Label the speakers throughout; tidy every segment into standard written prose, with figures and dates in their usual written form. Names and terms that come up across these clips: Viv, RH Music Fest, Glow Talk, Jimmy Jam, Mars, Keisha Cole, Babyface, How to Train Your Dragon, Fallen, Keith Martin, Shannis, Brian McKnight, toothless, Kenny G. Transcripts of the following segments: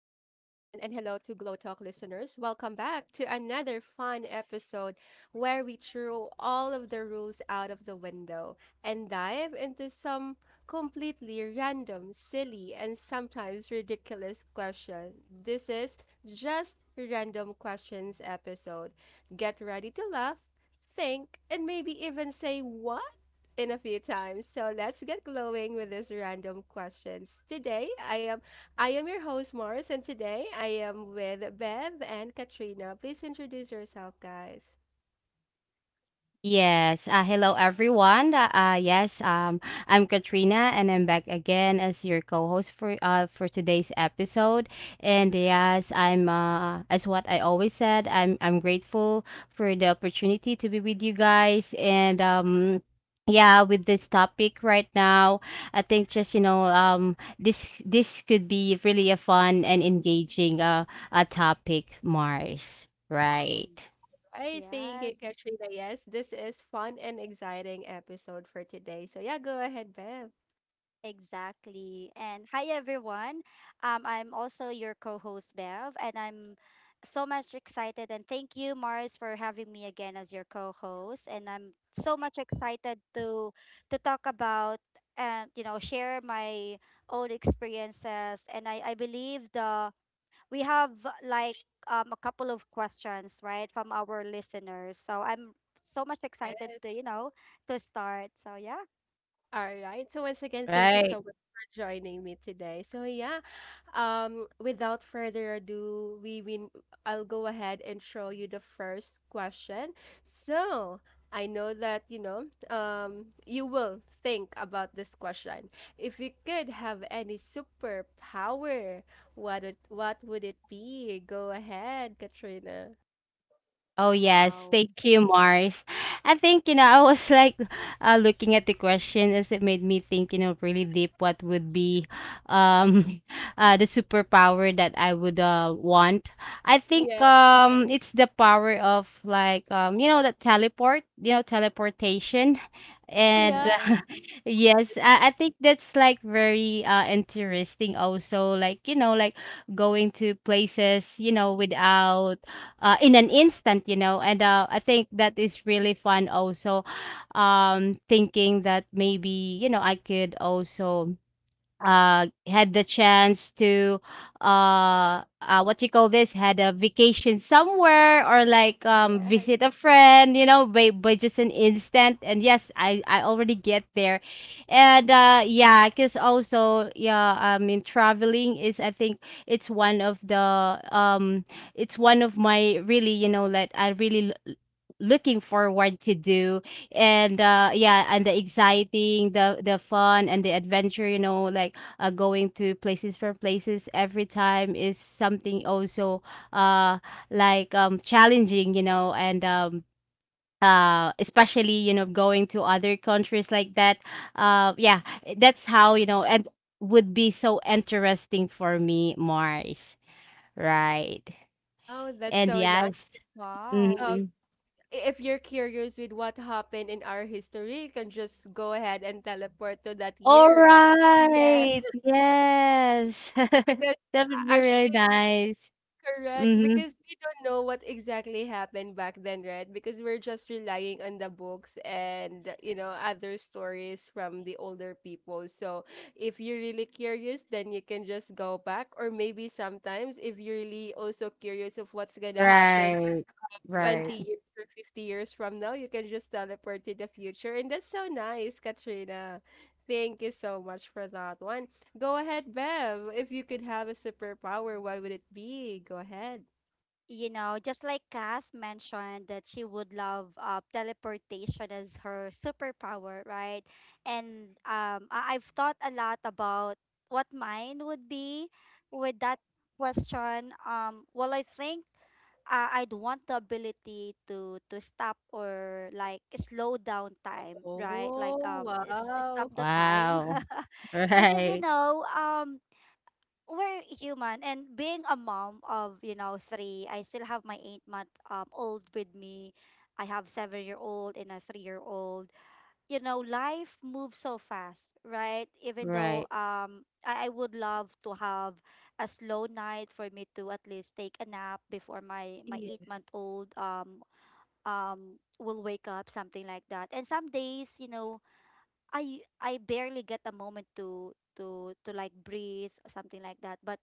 Speaker 1: hello to Glow Talk listeners. Welcome back to another fun episode where we throw all of the rules out of the window and dive into some completely random, silly, and sometimes ridiculous question. This is just Random Questions episode. Get ready to laugh, think, and maybe even say what? In a few times. So let's get glowing with these random questions. Today I am your host Mars, and today I am with Bev and Katrina. Please introduce yourself guys.
Speaker 2: Yes. Hello, everyone. Yes. I'm Katrina, and I'm back again as your co-host for today's episode. And yes, I'm as what I always said, I'm grateful for the opportunity to be with you guys. And Yeah, with this topic right now, I think, just this could be really a fun and engaging a topic, Mars.
Speaker 3: Ex-
Speaker 2: Right.
Speaker 1: I thank you,
Speaker 3: Yes,
Speaker 1: Katrina. Yes, this is fun and exciting episode for today. So yeah, go ahead, Bev.
Speaker 3: exactly. And hi everyone. I'm also your co-host Bev, and I'm so much excited. And thank you, Mars, for having me again as your co-host. And I'm so much excited to talk about and share my own experiences. And I believe the we have like a couple of questions right from our listeners. So I'm so much excited
Speaker 1: Yes.
Speaker 3: to to start. So yeah.
Speaker 1: All right. So once again, thank you so
Speaker 2: Right.
Speaker 1: much for joining me today. So yeah, without further ado, we win. I'll go ahead and show you the first question. So I know that you know, you will think about this question. If you could have any superpower, what would it be? Go ahead, Katrina.
Speaker 2: Oh yes,
Speaker 3: Wow.
Speaker 2: thank you, Mars. I think I was looking at the question, as it made me think, really deep, what would be um the superpower that I would want. I think
Speaker 1: Yeah.
Speaker 2: it's the power of, like, that teleport, teleportation.
Speaker 1: Oh
Speaker 2: And
Speaker 1: yeah.
Speaker 3: Yes.
Speaker 2: yes, I think that's like very interesting, also, like, like, going to places, without, in an instant. And I think that is really fun also, thinking that maybe, I could also had the chance to, what you call this had a vacation somewhere, or like
Speaker 3: Yes.
Speaker 2: visit a friend, by, just an instant, and yes, I already get there. And yeah, because also, yeah, I mean, traveling is, I think, it's one of the, um it's one of my, really, that I really looking forward to do. And yeah, and the exciting, the fun and the adventure, like, going to places for places every time is something also, uh like, challenging, and especially, going to other countries like that. Yeah, that's how, and would be so interesting for me, Mars. Right.
Speaker 1: Oh, that's
Speaker 2: And
Speaker 1: so nice.
Speaker 2: yes.
Speaker 3: Wow.
Speaker 1: Um,
Speaker 2: Mhm.
Speaker 1: if you're curious with what happened in our history, you can just go ahead and teleport to that
Speaker 2: All
Speaker 1: year, right?
Speaker 2: right,
Speaker 3: Yes.
Speaker 2: yes,
Speaker 1: Because
Speaker 2: that would be really
Speaker 1: actually,
Speaker 2: nice.
Speaker 1: correct,
Speaker 2: Mm-hmm.
Speaker 1: because we don't know what exactly happened back then, right? Because we're just relying on the books and, you know, other stories from the older people. So if you're really curious, then you can just go back. Or maybe sometimes if you're really also curious of what's gonna happen
Speaker 2: Right. Right.
Speaker 1: 20
Speaker 3: Yes.
Speaker 1: years or 50 years from now, you can just teleport to the future. And that's so nice, Katrina. Thank you so much for that one. Go ahead, Bev. If you could have a superpower, what would it be? Go ahead.
Speaker 3: You know, just like Kath mentioned that she would love teleportation as her superpower, right? And I've thought a lot about what mine would be with that question. Well, I think I'd want the ability to stop or like slow down time, right?
Speaker 1: Oh,
Speaker 3: Like, stop
Speaker 1: wow.
Speaker 3: the time,
Speaker 2: Wow.
Speaker 3: because
Speaker 2: Right.
Speaker 3: we're human, and being a mom of three, I still have my 8 month old with me. I have 7 year old and a 3 year old. You know, life moves so fast, right? Even though
Speaker 2: Right.
Speaker 3: I would love to have a slow night for me to at least take a nap before my
Speaker 1: Yeah.
Speaker 3: 8 month old will wake up, something like that. And some days, I barely get a moment to like breathe or something like that. But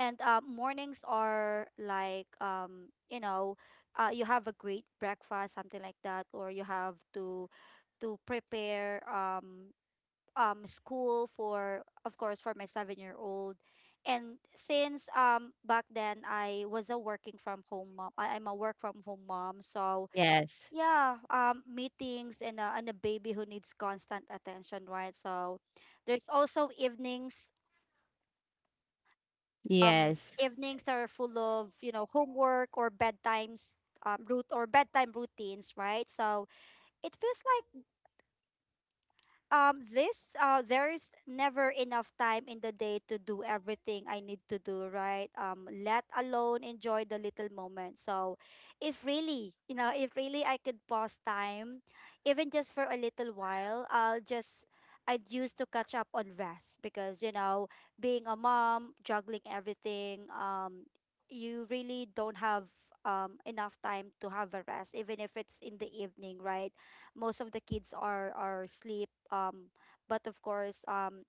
Speaker 3: and mornings are like you have a great breakfast, something like that, or you have to prepare school for of course for my 7 year old. And since back then I was a working from home mom, I'm a work from home mom. So
Speaker 2: Yes.
Speaker 3: yeah, meetings and a baby who needs constant attention, right? So there's also evenings.
Speaker 2: Yes.
Speaker 3: Evenings are full of, you know, homework or bedtimes, route or bedtime routines, right? So it feels like this there's never enough time in the day to do everything I need to do, right? Let alone enjoy the little moment. So if really, you know, if really I could pause time, even just for a little while, I'd use to catch up on rest, because, you know, being a mom, juggling everything, you really don't have enough time to have a rest, even if it's in the evening, right? Most of the kids are asleep. But of course,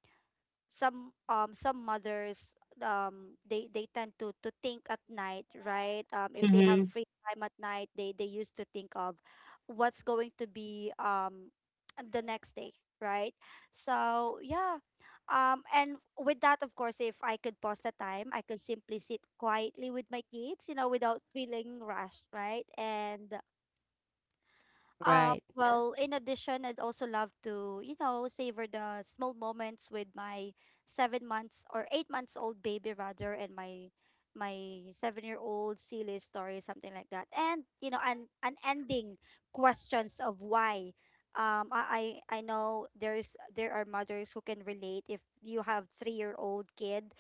Speaker 3: some mothers, they tend to think at night, right? If they have
Speaker 2: Mhm.
Speaker 3: free time at night, they used to think of what's going to be the next day, right? So yeah. And with that, of course, if I could pause the time, I could simply sit quietly with my kids, you know, without feeling rushed, right? And
Speaker 2: Right.
Speaker 1: Yeah.
Speaker 3: well, in addition, I'd also love to, you know, savor the small moments with my 7 months or 8 months old baby rather, and my 7 year old silly story, something like that. And you know, and an unending questions of why. I know there are mothers who can relate. If you have 3 year old kid,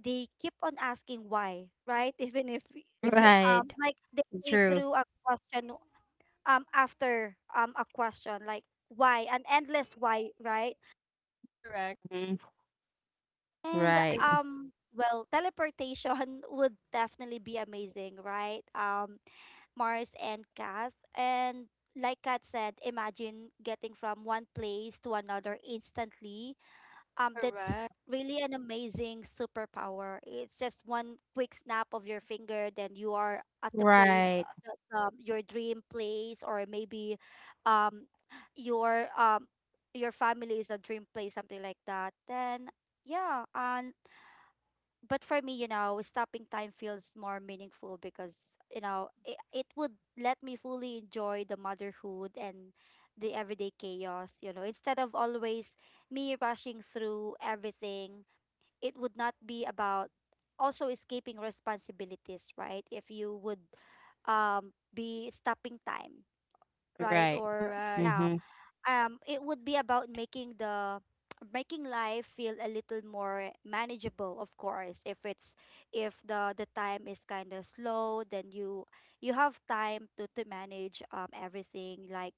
Speaker 3: they keep on asking why, right? Even if,
Speaker 1: Yes.
Speaker 2: Right.
Speaker 3: they
Speaker 2: True.
Speaker 3: threw a question, after a question, like why, an endless why, right?
Speaker 1: Correct.
Speaker 2: Mhm.
Speaker 3: and
Speaker 1: And
Speaker 2: Right.
Speaker 3: um well, teleportation would definitely be amazing, right? Mars and Kath and like Kat said, imagine getting from one place to another instantly. That's
Speaker 1: correct.
Speaker 3: really an amazing superpower. It's just one quick snap of your finger, then you are at the place,
Speaker 2: Right.
Speaker 3: your dream place, or maybe um, your um, your family is a dream place, something like that. Then yeah. And but for me, you know, stopping time feels more meaningful because, you know, it would let me fully enjoy the motherhood and the everyday chaos, you know, instead of always me rushing through everything. It would not be about also escaping responsibilities, right? If you would be stopping time, right?
Speaker 2: Right.
Speaker 3: Or
Speaker 1: Correct.
Speaker 3: yeah.
Speaker 2: Mhm.
Speaker 3: It would be about making the making life feel a little more manageable. Of course, if the time is kind of slow, then you have time to manage everything. Like,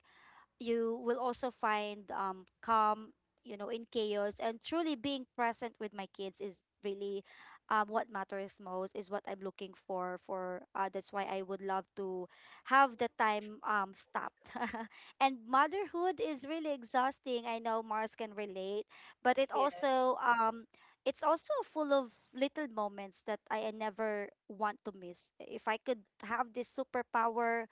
Speaker 3: you will also find calm, you know, in chaos. And truly being present with my kids is really what matters most, is what I'm looking for. That's why I would love to have the time stopped. And motherhood is really exhausting. I know Mars can relate, but it
Speaker 1: Yeah.
Speaker 3: also. It's also full of little moments that I never want to miss. If I could have this superpower,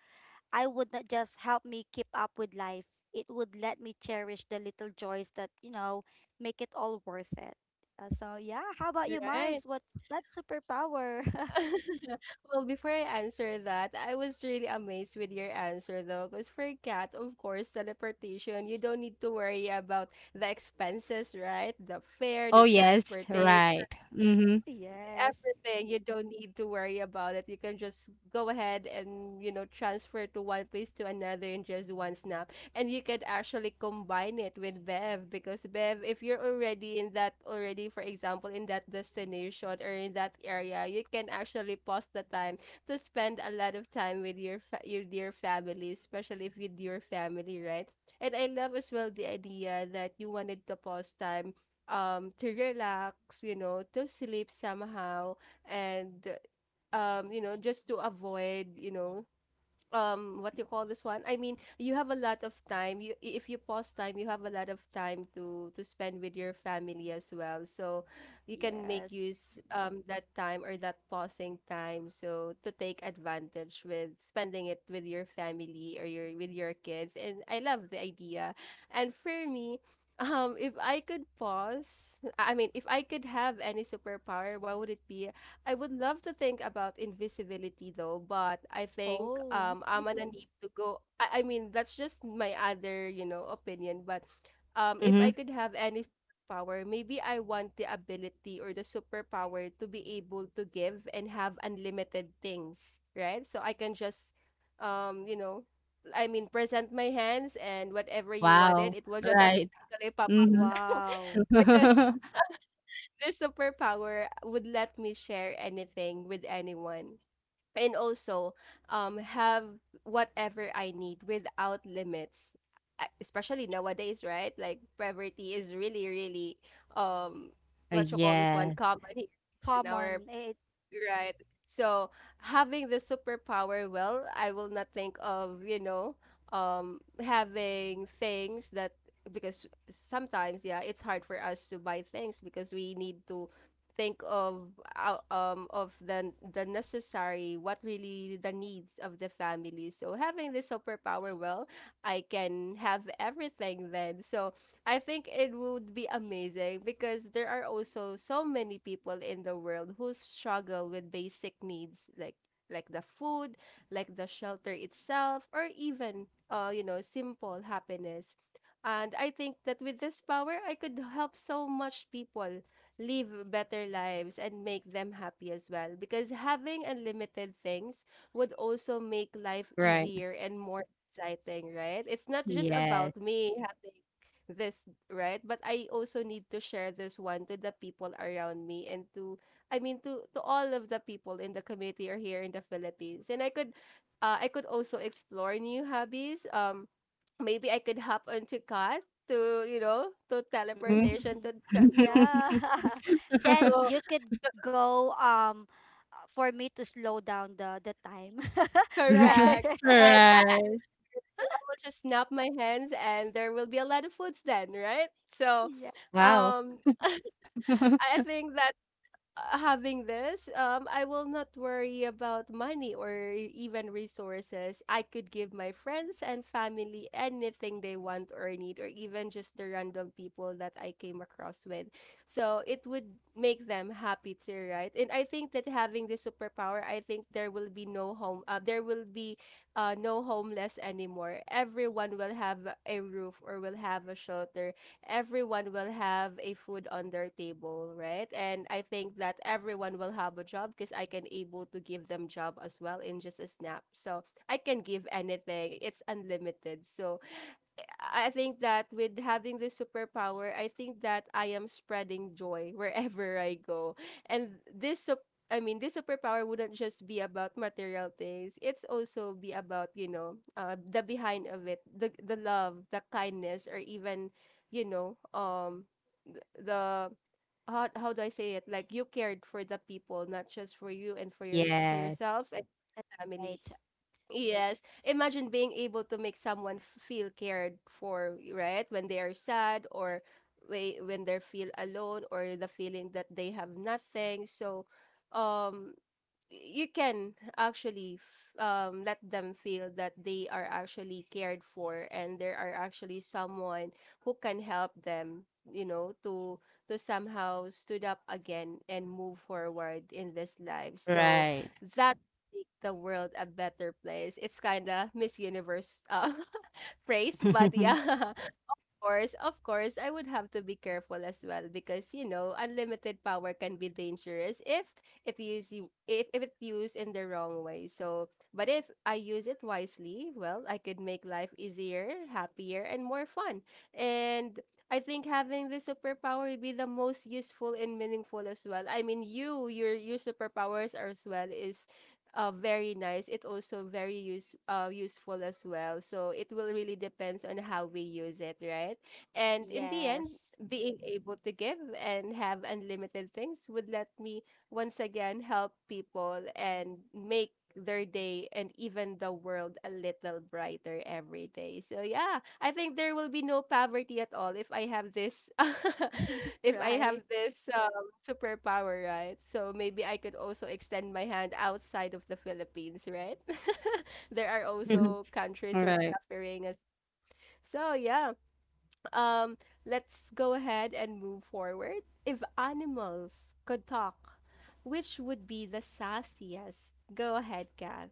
Speaker 3: I would not just help me keep up with life. It would let me cherish the little joys that, you know, make it all worth it. So yeah, how about you, Mars?
Speaker 1: Right.
Speaker 3: What's that superpower?
Speaker 1: Well, before I answer that, I was really amazed with your answer though, because for cat, of course, teleportation, you don't need to worry about the expenses, right? The fare,
Speaker 2: Oh,
Speaker 1: the
Speaker 2: yes.
Speaker 1: transportation,
Speaker 2: Right. Mhm.
Speaker 3: Yes.
Speaker 1: everything. You don't need to worry about it. You can just go ahead and, you know, transfer to one place to another in just one snap. And you can actually combine it with Bev because Bev, if you're already in that already, for example, in that destination or in that area, you can actually pause the time to spend a lot of time with your your dear family, especially if with your family, right? And I love as well the idea that you wanted to pause time to relax, you know, to sleep somehow, and you know, just to avoid, you know, what you call this one, I mean, you have a lot of time, you if you pause time you have a lot of time to spend with your family as well. So you can make
Speaker 3: Yes.
Speaker 1: use that time or that pausing time so to take advantage with spending it with your family or your with your kids, and I love the idea. And for me if I could pause I mean if I could have any superpower, what would it be? I would love to think about invisibility though, but I think
Speaker 3: Oh.
Speaker 1: I'm gonna need to go. I mean that's just my other, you know, opinion, but if I
Speaker 2: Mhm.
Speaker 1: could have any superpower, maybe I want the ability or the superpower to be able to give and have unlimited things, right? So I can just you know, I mean present my hands and whatever you wanted,
Speaker 2: Wow.
Speaker 1: it will just
Speaker 2: Right.
Speaker 1: automatically pop
Speaker 2: Mhm.
Speaker 1: up.
Speaker 3: Wow.
Speaker 1: Because this superpower would let me share anything with anyone, and also have whatever I need without limits. Especially nowadays, right? Like poverty is really, really um what you call this one,
Speaker 2: Yes.
Speaker 1: common here in our.
Speaker 3: Common. It.
Speaker 1: Right. So having the superpower, well, I will not think of, you know, having things that, because sometimes, yeah, it's hard for us to buy things because we need to think of of the necessary, what really the needs of the family. So having the superpower, well, I can have everything then. So I think it would be amazing because there are also so many people in the world who struggle with basic needs like the food, like the shelter itself, or even you know, simple happiness. And I think that with this power, I could help so much people live better lives and make them happy as well. Because having unlimited things would also make life
Speaker 2: Right.
Speaker 1: easier and more exciting, right? It's not just
Speaker 2: Yes.
Speaker 1: about me having this, right, but I also need to share this one to the people around me, and to I mean to all of the people in the community or here in the Philippines. And I could I could also explore new hobbies. Maybe I could hop onto cars to you know to
Speaker 2: Mhm.
Speaker 1: teleportation to tra-
Speaker 3: Yeah. Then
Speaker 1: to
Speaker 3: you could go for me to slow down the time.
Speaker 1: correct,
Speaker 3: Right.
Speaker 1: and
Speaker 2: Right.
Speaker 1: I will just snap my hands and there will be a lot of foods then, right? So
Speaker 3: Yes.
Speaker 2: Wow.
Speaker 1: um I think that having this, I will not worry about money or even resources. I could give my friends and family anything they want or need, or even just the random people that I came across with. So it would make them happy too, right? And I think that having this superpower, I think there will be no home, there will be no homeless anymore. Everyone will have a roof or will have a shelter, everyone will have a food on their table, right? And I think that everyone will have a job because I can able to give them job as well in just a snap. So I can give anything. It's unlimited. So I think that with having this superpower, I think that I am spreading joy wherever I go. I mean, this superpower wouldn't just be about material things. It's also be about, you know, the behind of it, the love, the kindness, or even, you know, the how do I say it? Like you cared for the people, not just for you and for your for
Speaker 2: Yes.
Speaker 1: yourself and
Speaker 3: That's
Speaker 1: family.
Speaker 3: right.
Speaker 1: Yes. Imagine being able to make someone feel cared for, right? When they are sad or when they feel alone or the feeling that they have nothing. So, um, you can actually let them feel that they are actually cared for and there are actually someone who can help them you know to somehow stood up again and move forward in this life. So
Speaker 2: Right.
Speaker 1: that make the world a better place. It's kind of miss universe praise, but yeah. Course, of course, I would have to be careful as well, because you know, unlimited power can be dangerous if if if it used in the wrong way. So, but if I use it wisely, well, I could make life easier, happier, and more fun. And I think having this superpower would be the most useful and meaningful as well. I mean, your superpowers as well is very nice. It also very useful as well. So it will really depends on how we use it, right? And in the end,
Speaker 3: Yes.
Speaker 1: being able to give and have unlimited things would let me once again help people and make their day and even the world a little brighter every day. So yeah, I think there will be no poverty at all if I have this if I
Speaker 3: Right.
Speaker 1: have this superpower, right? So maybe I could also extend my hand outside of the Philippines, right? There are also countries who are
Speaker 2: Right.
Speaker 1: suffering as so yeah. Um, let's go ahead and move forward. If animals could talk, which would be the sassiest? Go ahead, Kat.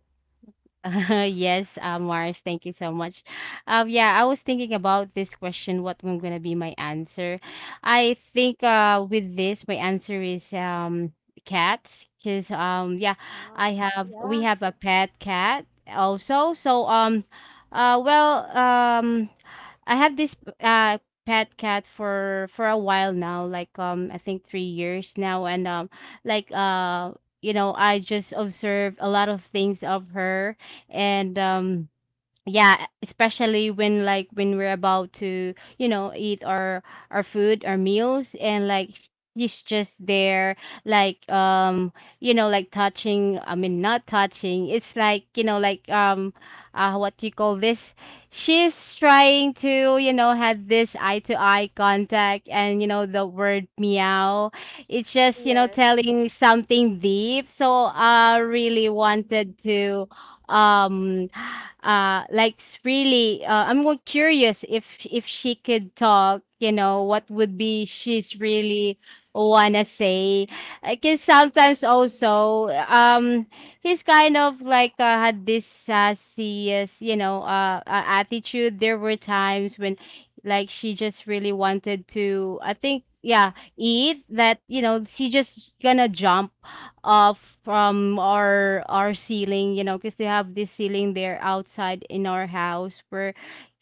Speaker 2: Uh, Yes, Mars, thank you so much. Yeah, I was thinking about this question, what was gonna be my answer. I think, with this, my answer is, cats, because, yeah, I
Speaker 3: Wow.
Speaker 2: have we
Speaker 1: Yeah.
Speaker 2: have a pet cat also. So, uh well um I have this uh pet cat for a while now, like, I think 3 years now, and like uh you know, I just observed a lot of things of her. And yeah, especially when, like, when we're about to, eat our food, our meals, and, like, he's just there, like, you know, like, touching, I mean, not touching. It's like, like, what do you call this she's trying to, had this eye to eye contact, and, the word meow, it's just,
Speaker 1: Yes.
Speaker 2: telling something deep. So I
Speaker 3: Mhm.
Speaker 2: really wanted to, um like really, I'm more curious, if she could talk, what would be she's really wanna say. Because sometimes also, he's kind of, like, had this sassy, attitude. There were times when, like, she just really wanted to, I think, yeah, eat that, she just gonna jump uh from our ceiling, you know, because they have this ceiling there outside in our house, where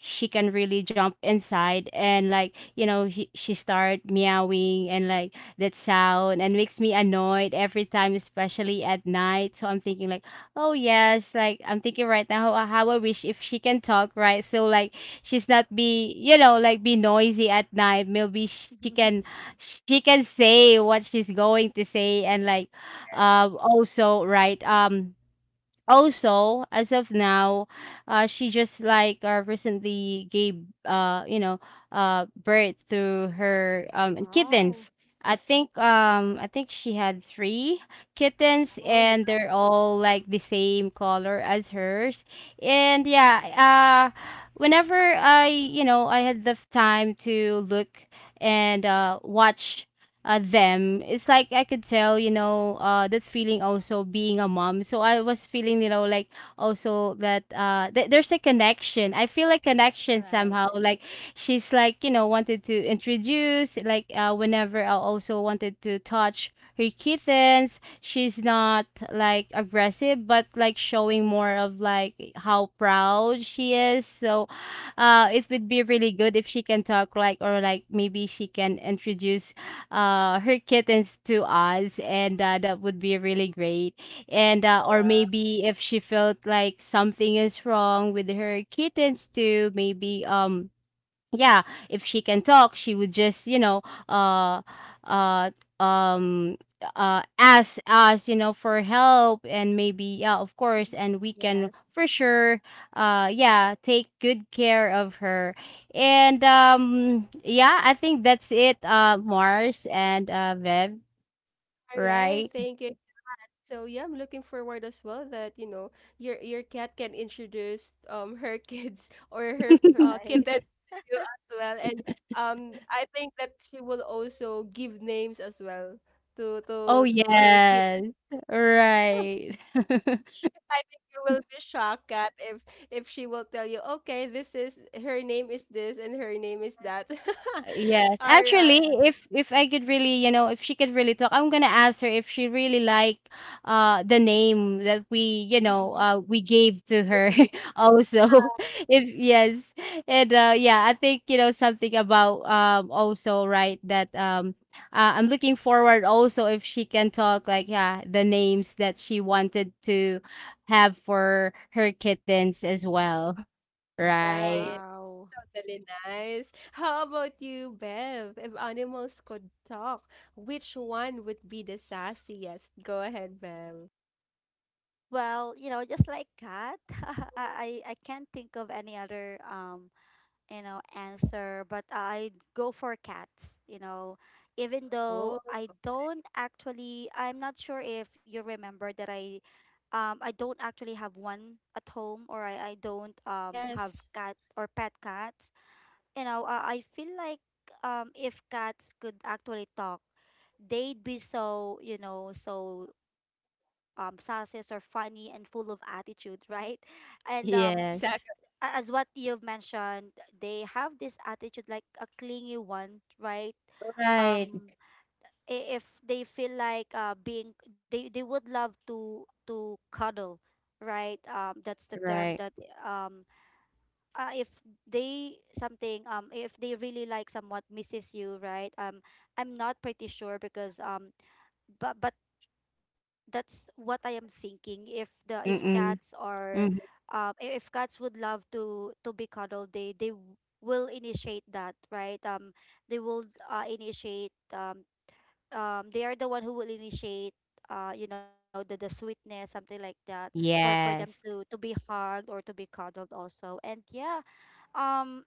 Speaker 2: she can really jump inside, and, like, he, she start meowing, and like that sound, and makes me annoyed every time, especially at night. So I'm thinking like, oh yes, like, I'm thinking right now, how I wish if she can talk, right? So, like, she's not be, like, be noisy at night. Maybe she can, say what she's going to say. And, like, also, right, also, as of now, she just, like, recently gave, birth to her,
Speaker 3: Wow.
Speaker 2: kittens. I think she had three kittens,
Speaker 1: Oh yeah.
Speaker 2: and they're all, like, the same color as hers. And yeah, whenever I you know, I had the time to look and watch them, it's like I could tell, that feeling also, being a mom. So I was feeling, like, also, that, there's a connection, I feel like, connection
Speaker 3: Right.
Speaker 2: somehow, like, she's, like, wanted to introduce, like, whenever I also wanted to touch her kittens, she's not like aggressive, but, like, showing more of like how proud she is. So it would be really good if she can talk, like, or like, maybe she can introduce, her kittens to us, and, that would be really great. And, or
Speaker 1: All
Speaker 2: maybe if she felt like something is wrong with her kittens too, maybe, yeah, if she can talk she would just, uh uh um ask us, for help, and maybe, yeah, of course,
Speaker 3: Mm.
Speaker 2: and we can,
Speaker 3: Yes.
Speaker 2: for sure, yeah, take good care of her. And, yeah, I think that's it, Mars, and, Viv,
Speaker 1: right.
Speaker 2: right?
Speaker 1: Thank you. So yeah, I'm looking forward as well that you know your cat can introduce her kids or her
Speaker 3: Right.
Speaker 1: kitten to you as well, and I think that she will also give names as well
Speaker 2: Oh
Speaker 1: to her kitten.
Speaker 2: yes, right.
Speaker 1: I think you will be shocked, Kat, if she will tell you, okay, this is her name is this and her name is that.
Speaker 2: Yes.
Speaker 1: All right,
Speaker 2: Actually, if I could really, you know, if she could really talk, I'm gonna ask her if she really like the name that we, you know,
Speaker 3: Mm-hmm.
Speaker 2: we gave to her.
Speaker 1: okay,
Speaker 2: Also. If yes. And, yeah, I think, you know, something about, also, right, that, I'm looking forward also, if she can talk, like, yeah, the names that she wanted to have for her kittens as well. Right.
Speaker 1: right.
Speaker 3: Wow.
Speaker 1: Really nice. How about you, Bev? If animals could talk, which one would be the sassiest? Go ahead, Bev.
Speaker 3: Well, you know, just like cat, I can't think of any other you know, answer, but I go for cats, you know. Even though
Speaker 1: Oh,
Speaker 3: I don't actually I'm not sure if you remember that I don't actually have one at home, or I don't have
Speaker 1: yes.
Speaker 3: cat or pet cat. You know, I feel like if cats could actually talk, they'd be so, sasses or funny and full of attitude, right? And
Speaker 2: Yes.
Speaker 1: Exactly.
Speaker 3: as what you've mentioned, they have this attitude like a clingy one, right?
Speaker 2: Right.
Speaker 3: um if they feel like being they would love to cuddle, right? That's the term
Speaker 2: Right.
Speaker 3: that. um if they, something if they really like, somewhat misses you, right? I'm not pretty sure because but that's what I am thinking. If cats
Speaker 2: Mm,
Speaker 3: are,
Speaker 2: mhm.
Speaker 3: if cats would love to be cuddled, they will initiate that, right? They will, initiate, they are the one who will initiate, you know, the sweetness, something like that, for them
Speaker 2: Yes.
Speaker 3: to be hugged or to be cuddled also. And yeah. um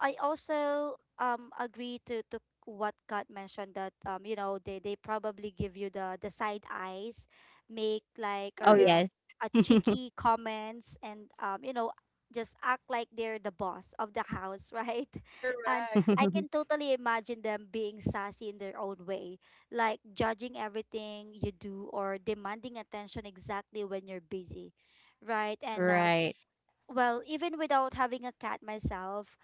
Speaker 3: I also agree to what Kat mentioned, that you know, they probably give you the side eyes, make like
Speaker 2: Oh,
Speaker 1: Right.
Speaker 3: or
Speaker 2: yes.
Speaker 3: a cheeky comments, and you know, just act like they're the boss of the house, right? And
Speaker 1: Correct.
Speaker 3: I can totally imagine them being sassy in their own way, like judging everything you do or demanding attention exactly when you're busy, right? And
Speaker 2: Right.
Speaker 3: well, even without having a cat myself,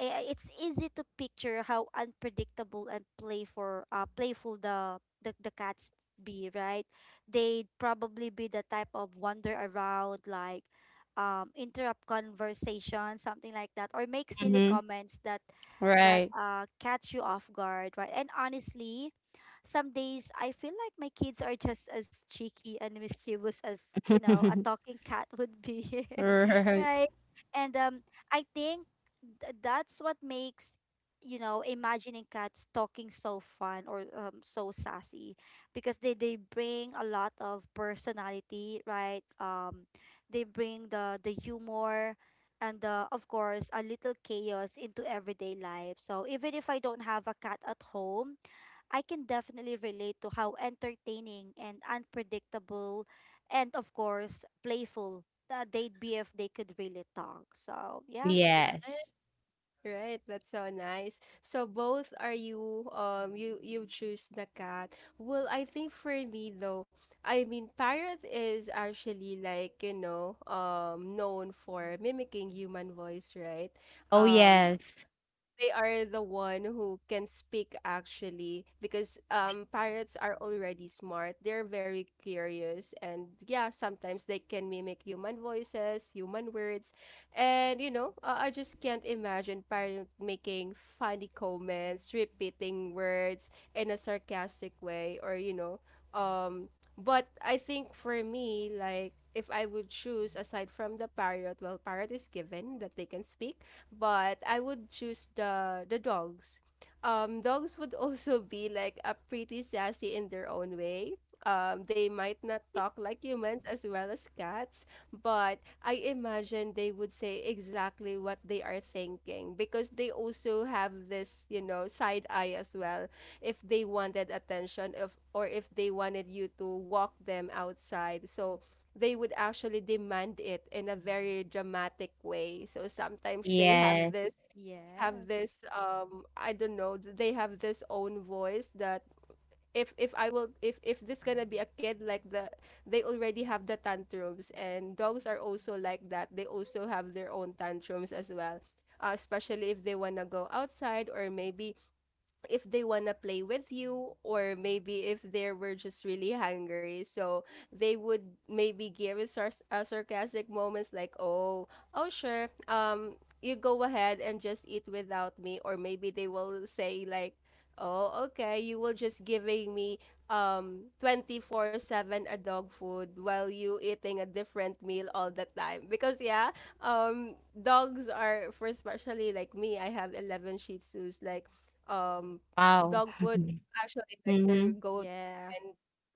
Speaker 3: it's easy to picture how unpredictable and playful the cats be, right? They'd probably be the type of wander around, like interrupt conversation, something like that, or make silly
Speaker 2: Mhm.
Speaker 3: comments that
Speaker 2: Right.
Speaker 3: catch you off guard, right? And honestly, some days I feel like my kids are just as cheeky and mischievous as, you know, a talking cat would be.
Speaker 2: Right.
Speaker 3: Right. And I think, that's what makes, you know, imagining cats talking so fun or so sassy, because they bring a lot of personality, right? They bring the humor and the, of course, a little chaos into everyday life. So even if I don't have a cat at home, I can definitely relate to how entertaining and unpredictable and of course playful they'd be if they could really talk. So yeah.
Speaker 2: Yes.
Speaker 1: Right. That's so nice. So both are you you you choose the cat. Well, I think for me though, I mean parrot is actually like, you know, known for mimicking human voice, right?
Speaker 2: Oh,
Speaker 1: Um
Speaker 2: yes.
Speaker 1: they are the one who can speak actually because pirates are already smart. They're very curious and yeah, sometimes they can mimic human voices, human words. And I just can't imagine pirate making funny comments, repeating words in a sarcastic way or um but I think for me, like if I would choose aside from the pirate, well, pirate is given that they can speak, but I would choose the dogs. Dogs would also be like a pretty sassy in their own way. They might not talk like humans as well as cats, but I imagine they would say exactly what they are thinking because they also have this, side eye as well. If they wanted attention, if or if they wanted you to walk them outside, so they would actually demand it in a very dramatic way. So sometimes they have this
Speaker 2: Yes.
Speaker 3: Yes.
Speaker 1: I don't know, th- they have this own voice that if I will if this gonna be a kid like the they already have the tantrums, and dogs are also like that. They also have their own tantrums as well. Especially if they wanna go outside, or maybe if they wanna play with you, or maybe if they were just really hungry, so they would maybe give us sarcastic moments like, "Oh, oh sure, you go ahead and just eat without me." Or maybe they will say like, "Oh okay, you will just giving me 24/7 a dog food while you eating a different meal all the time because yeah." um Dogs are for, especially like me, I have 11 shih tzus, like um
Speaker 2: Wow.
Speaker 1: dog food is actually like their
Speaker 2: Mhm.
Speaker 1: go,
Speaker 3: Yeah.
Speaker 1: and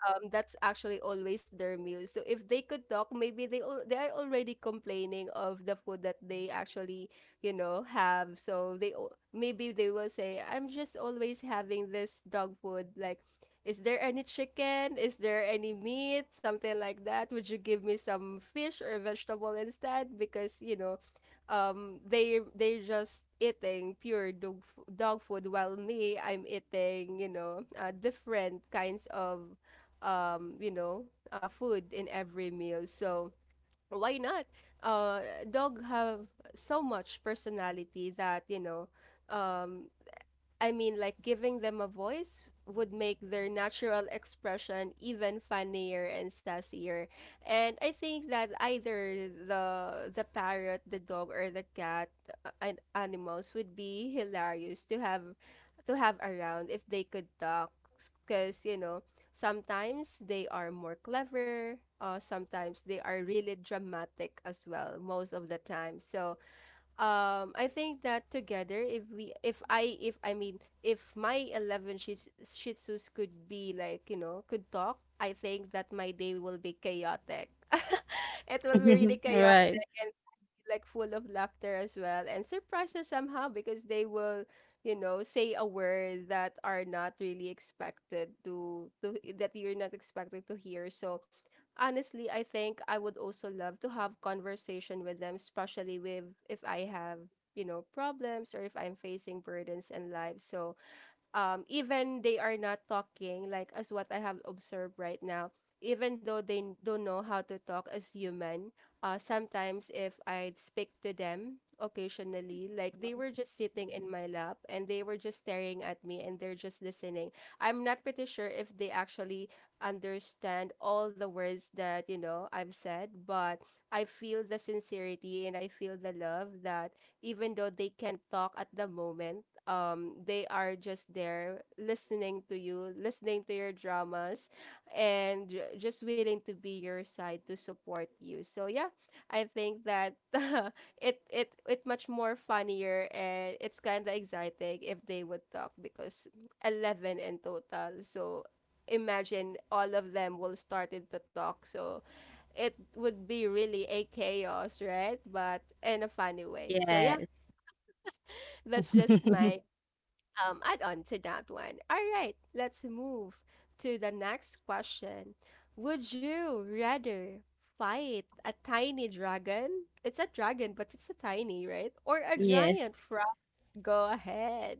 Speaker 1: that's actually always their meal. So if they could talk, maybe they they are already complaining of the food that they actually, have. So they maybe they will say, "I'm just always having this dog food. Like, is there any chicken? Is there any meat? Something like that. Would you give me some fish or vegetable instead? Because, they they're just eating pure dog food, while me, I'm eating, different kinds of um, you know, food in every meal. So why not?" Uh, Dog have so much personality that, um, I mean, like giving them a voice would make their natural expression even funnier and sassier. And I think that either the parrot, the dog, or the cat and animals would be hilarious to have around if they could talk, because you know sometimes they are more clever. Sometimes they are really dramatic as well most of the time. So I think that together, if we if I mean if my shih tzus could be like, you know, could talk, I think that my day will be chaotic. It will be really
Speaker 2: Right.
Speaker 1: chaotic and like full of laughter as well, and surprises somehow, because they will, you know, say a word that are not really expected to that you're not expected to hear. So honestly, I think I would also love to have conversation with them, especially with if I have, you know, problems or if I'm facing burdens in life. So even they are not talking, like as what I have observed right now, even though they don't know how to talk as human, sometimes if I'd speak to them occasionally, like they were just sitting in my lap, and they were just staring at me, and they're just listening. I'm not pretty sure if they actually understand all the words that, you know, I've said, but I feel the sincerity and I feel the love that even though they can't talk at the moment, they are just there listening to you, listening to your dramas, and just willing to be your side to support you. So yeah, I think that it it much more funnier, and it's kind of exciting if they would talk, because 11 in total. So imagine all of them will started to talk, so it would be really a chaos, right? But in a funny way, so yeah,
Speaker 2: Yes.
Speaker 1: that's just my add on to that one. All right, let's move to the next question. Would you rather fight a tiny dragon? It's a dragon, but it's a tiny, right? Or a
Speaker 2: Yes.
Speaker 1: giant frog? Go ahead.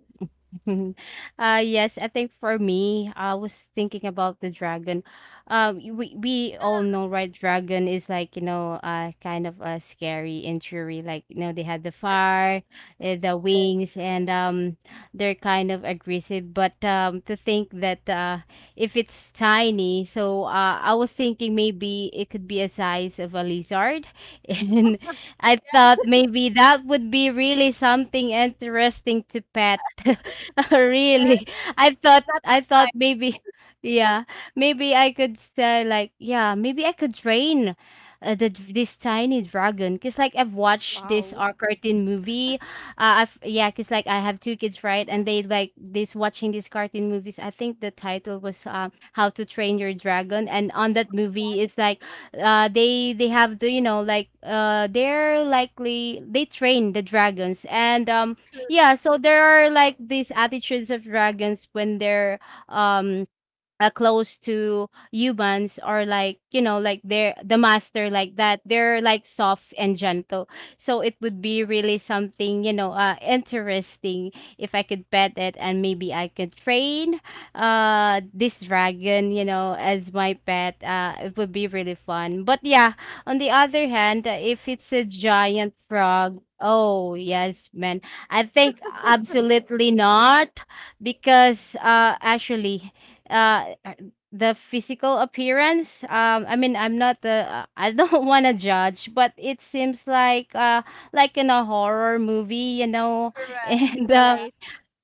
Speaker 2: Mhm. Yes, I think for me, I was thinking about the dragon. We all know, right? Dragon is, like, you know, kind of a scary injury. Like, you know, they had the fire, the
Speaker 1: Yes,
Speaker 2: wings, and, they're kind of aggressive. But, to think that, if it's tiny, so, I was thinking maybe it could be a size of a lizard, and I thought maybe that would be really something interesting to pet.
Speaker 1: yes,
Speaker 2: Really?
Speaker 1: not
Speaker 2: I
Speaker 1: the
Speaker 2: thought
Speaker 1: fight.
Speaker 2: maybe yeah, maybe I could say like yeah, maybe I could train, this tiny dragon, cuz, like, I've watched this,
Speaker 3: Wow.
Speaker 2: cartoon movie. I've, yeah, cuz, like, I have two kids, right? And they like this watching these cartoon movies. I think the title was, How to Train Your Dragon, and on that movie, it's like they have the, you know, like, they're likely they train the dragons. And, yeah, so there are like these attitudes of dragons when they're, um close to humans, or like, you know, like, they're the master, like, that, they're like soft and gentle. So it would be really something, you know, interesting if I could pet it, and maybe I could train this dragon, you know, as my pet. It would be really fun. But yeah, on the other hand, if it's a giant frog, oh yes man, I think absolutely not, because, actually, uh the physical appearance, I mean, I'm not the, I don't want to judge, but it seems like, like in a horror movie, you know.
Speaker 1: Correct.
Speaker 2: And,
Speaker 1: Yeah,
Speaker 3: Right.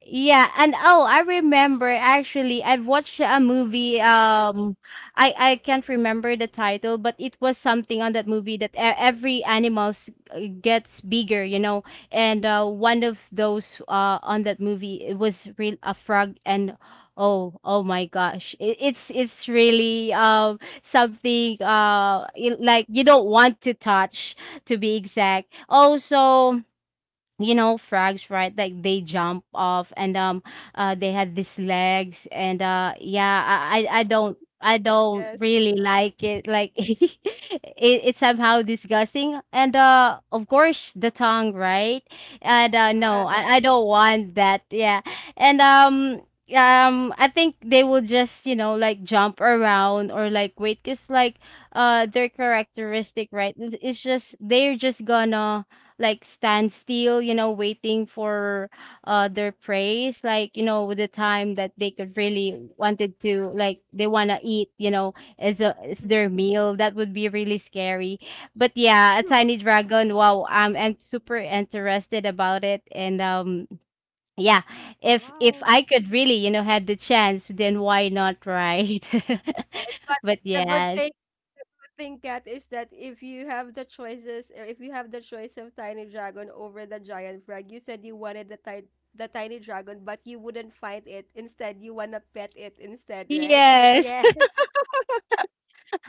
Speaker 2: yeah, and oh, I remember, actually I've watched a movie, I can't remember the title, but it was something on that movie that every animals, gets bigger, you know. And, one of those, on that movie, it was real a frog. And oh, oh my gosh. It's really, something, like you don't want to touch, to be exact. Also, you know frogs, right? Like they jump off, and, they had these legs, and, yeah, I don't, I don't
Speaker 1: yes,
Speaker 2: really like it. Like, it, it's somehow disgusting, and, of course the tongue, right? And, no,
Speaker 1: correct.
Speaker 3: Yeah.
Speaker 2: I don't want that, yeah. And, I think they will just, you know, like, jump around, or like, wait, because, like, their characteristic, right? It's, just, they're just gonna, like, stand still, you know, waiting for their praise, like, you know, with the time that they could really wanted to, like, they wanna eat, you know, as a, as their meal. That would be really scary. But yeah, a
Speaker 1: Hmm.
Speaker 2: tiny dragon, wow, I'm super interested about it. And, yeah, if
Speaker 3: Wow.
Speaker 2: I could really, you know, had the chance, then why not, right?
Speaker 1: Right. But
Speaker 2: But
Speaker 1: the good
Speaker 2: yes.
Speaker 1: thing, think Kat, is that if you have the choices, or if you have the choice of tiny dragon over the giant frog, you said you wanted the, the tiny dragon, but you wouldn't fight it. Instead, you wanna pet it instead, right?
Speaker 2: Yes.
Speaker 3: Yes.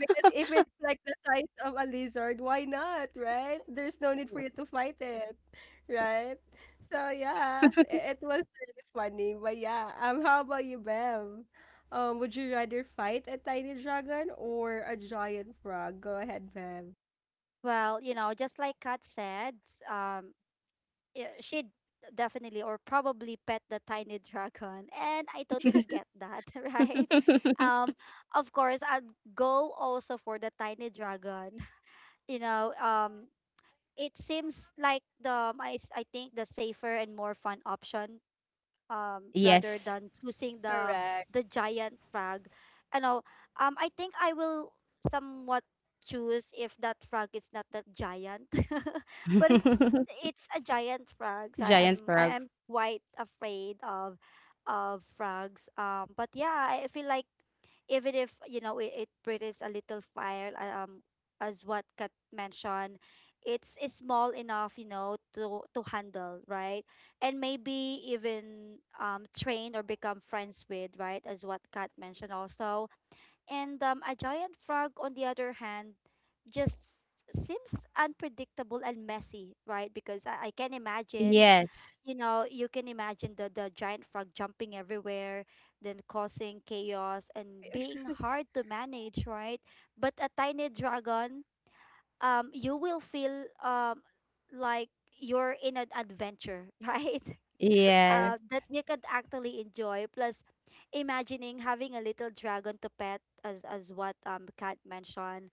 Speaker 1: Because if it's like the size of a lizard, why not, right? There's no need for you to fight it, right? So yeah, it was really funny. But yeah, how about you, Bev? Would you rather fight a tiny dragon or a giant frog? Go ahead, Bev.
Speaker 3: Well, you know, just like Kat said, um, she'd definitely or probably pet the tiny dragon, and I totally get that, right? Um, of course, I'd go also for the tiny dragon. You know, it seems like I think the safer and more fun option, rather
Speaker 2: Yes.
Speaker 3: than choosing
Speaker 1: Correct.
Speaker 3: the giant frog. You know, I think I will somewhat choose if that frog is not that giant, but it's it's a giant frog. So
Speaker 2: Giant
Speaker 3: i'm i
Speaker 2: frog.
Speaker 3: am quite afraid of frogs. But yeah, I feel like even if, you know, it breathes a little fire, as what Kat mentioned, it's small enough, you know, to handle, right? And maybe even train or become friends with, right? As what Kat mentioned also. And a giant frog, on the other hand, just seems unpredictable and messy, right? Because I can imagine,
Speaker 2: Yes.
Speaker 3: you can imagine the giant frog jumping everywhere, then causing chaos and being hard to manage, right? But a tiny dragon, you will feel like you're in an adventure, right?
Speaker 2: Yes.
Speaker 1: Correct.
Speaker 3: That you could actually enjoy. Plus, imagining having a little dragon to pet, as what Kat mentioned,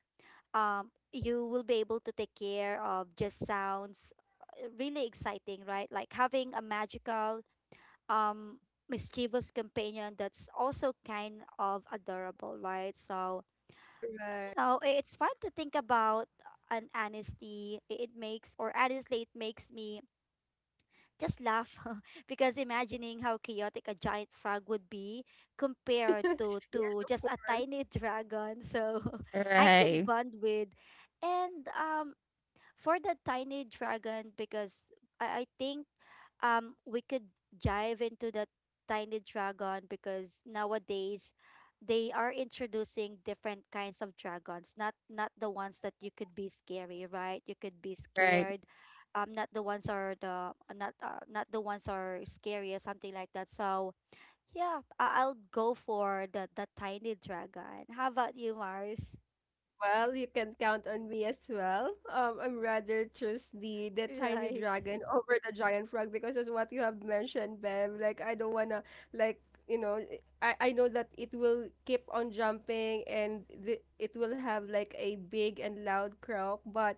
Speaker 3: you will be able to take care of. Just sounds really exciting, right? Like having a magical um mischievous companion that's also kind of adorable, right? So
Speaker 1: Correct.
Speaker 3: it's fun to think about an honesty. It makes or honestly, it makes me just laugh because imagining how chaotic a giant frog would be compared to
Speaker 1: Yes, of
Speaker 3: just a
Speaker 1: course.
Speaker 3: tiny dragon. So I could
Speaker 2: Right.
Speaker 3: bond with. And for the tiny dragon, because I think we could dive into the tiny dragon because nowadays they are introducing different kinds of dragons, not the ones that you could be scary, right? You could be
Speaker 2: Right.
Speaker 3: scared. Not the ones are the not not the ones are scary or something like that. So yeah, I'll go for the tiny dragon. How about you, Mars?
Speaker 1: Well, you can count on me as well. I'm rather choose the tiny
Speaker 3: Right.
Speaker 1: dragon over the giant frog, because as what you have mentioned, Bev, like I don't wanna like you know I know that it will keep on jumping and the, it will have like a big and loud croak, but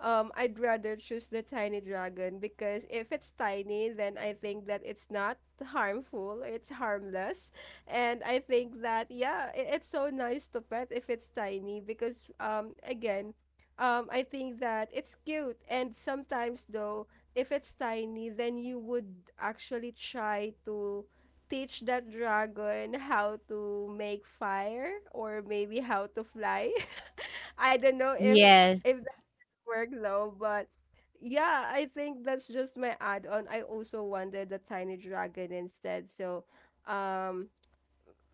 Speaker 1: I'd rather choose the tiny dragon because if it's tiny, then I think that it's not harmful, it's harmless. And I think that yeah, I it's so nice to pet if it's tiny because again, I think that it's cute, and sometimes though if it's tiny, then you would actually try to teach that dragon how to make fire or maybe how to fly. I don't know
Speaker 2: Yes.
Speaker 1: if that worked though, but yeah, I think that's just my add on. I also wanted the tiny dragon instead. So, um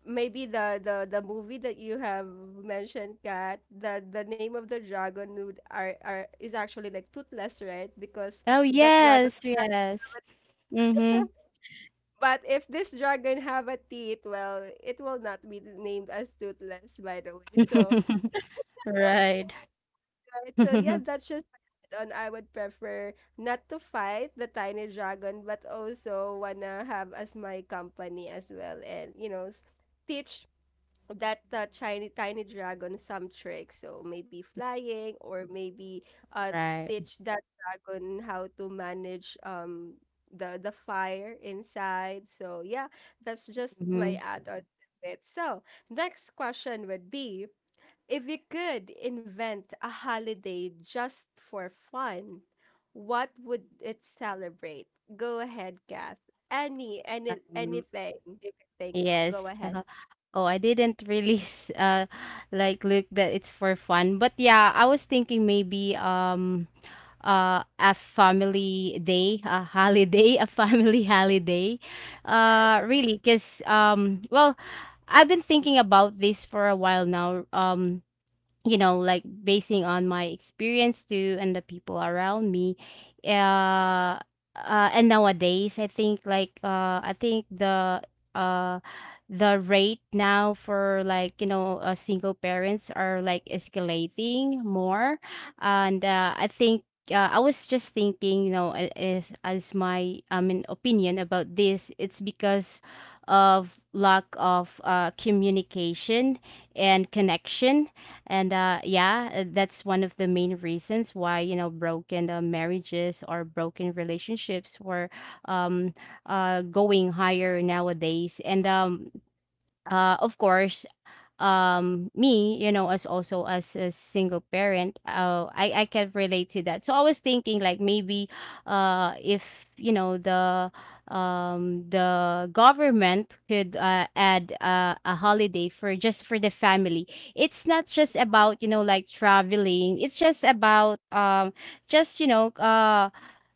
Speaker 1: maybe the, the movie that you have mentioned, Kat, the name of the dragon would are is actually like Toothless, right? Because
Speaker 2: Oh,
Speaker 1: that dragon
Speaker 2: yes. Yes. Mm-hmm.
Speaker 1: but if this dragon have a teeth, well, it will not be named as Toothless, by the way. So
Speaker 2: Right.
Speaker 1: right, so yeah, that's just on, I would prefer not to fight the tiny dragon, but also wanna have as my company as well, and you know, teach that tiny dragon some tricks, so maybe flying or maybe uh
Speaker 2: Right.
Speaker 1: teach that dragon how to manage the fire inside. So yeah, that's just
Speaker 2: Mm-hmm.
Speaker 1: my add-on to it. So next question would be, if you could invent a holiday just for fun, what would it celebrate? Go ahead, Kath. Any
Speaker 2: Um,
Speaker 1: anything you can think of, go
Speaker 2: yes.
Speaker 1: ahead.
Speaker 2: uh, Oh, I didn't really like look that it's for fun. But yeah, I was thinking maybe a family day, a holiday, a family holiday. Really, because well, I've been thinking about this for a while now. You know, like basing on my experience too and the people around me uh, and nowadays I think uh the rate now for like, you know, single parents are like escalating more and I was just thinking, you know, as my, I mean, opinion about this, it's because of lack of communication and connection and that's one of the main reasons why, you know, broken marriages or broken relationships were um, going higher nowadays. And of course, um, me, you know, as also as a single parent, I can relate to that, so I was thinking like maybe if, you know, the um, the government could add a holiday for just for the family. It's not just about, you know, like traveling, it's just about just, you know,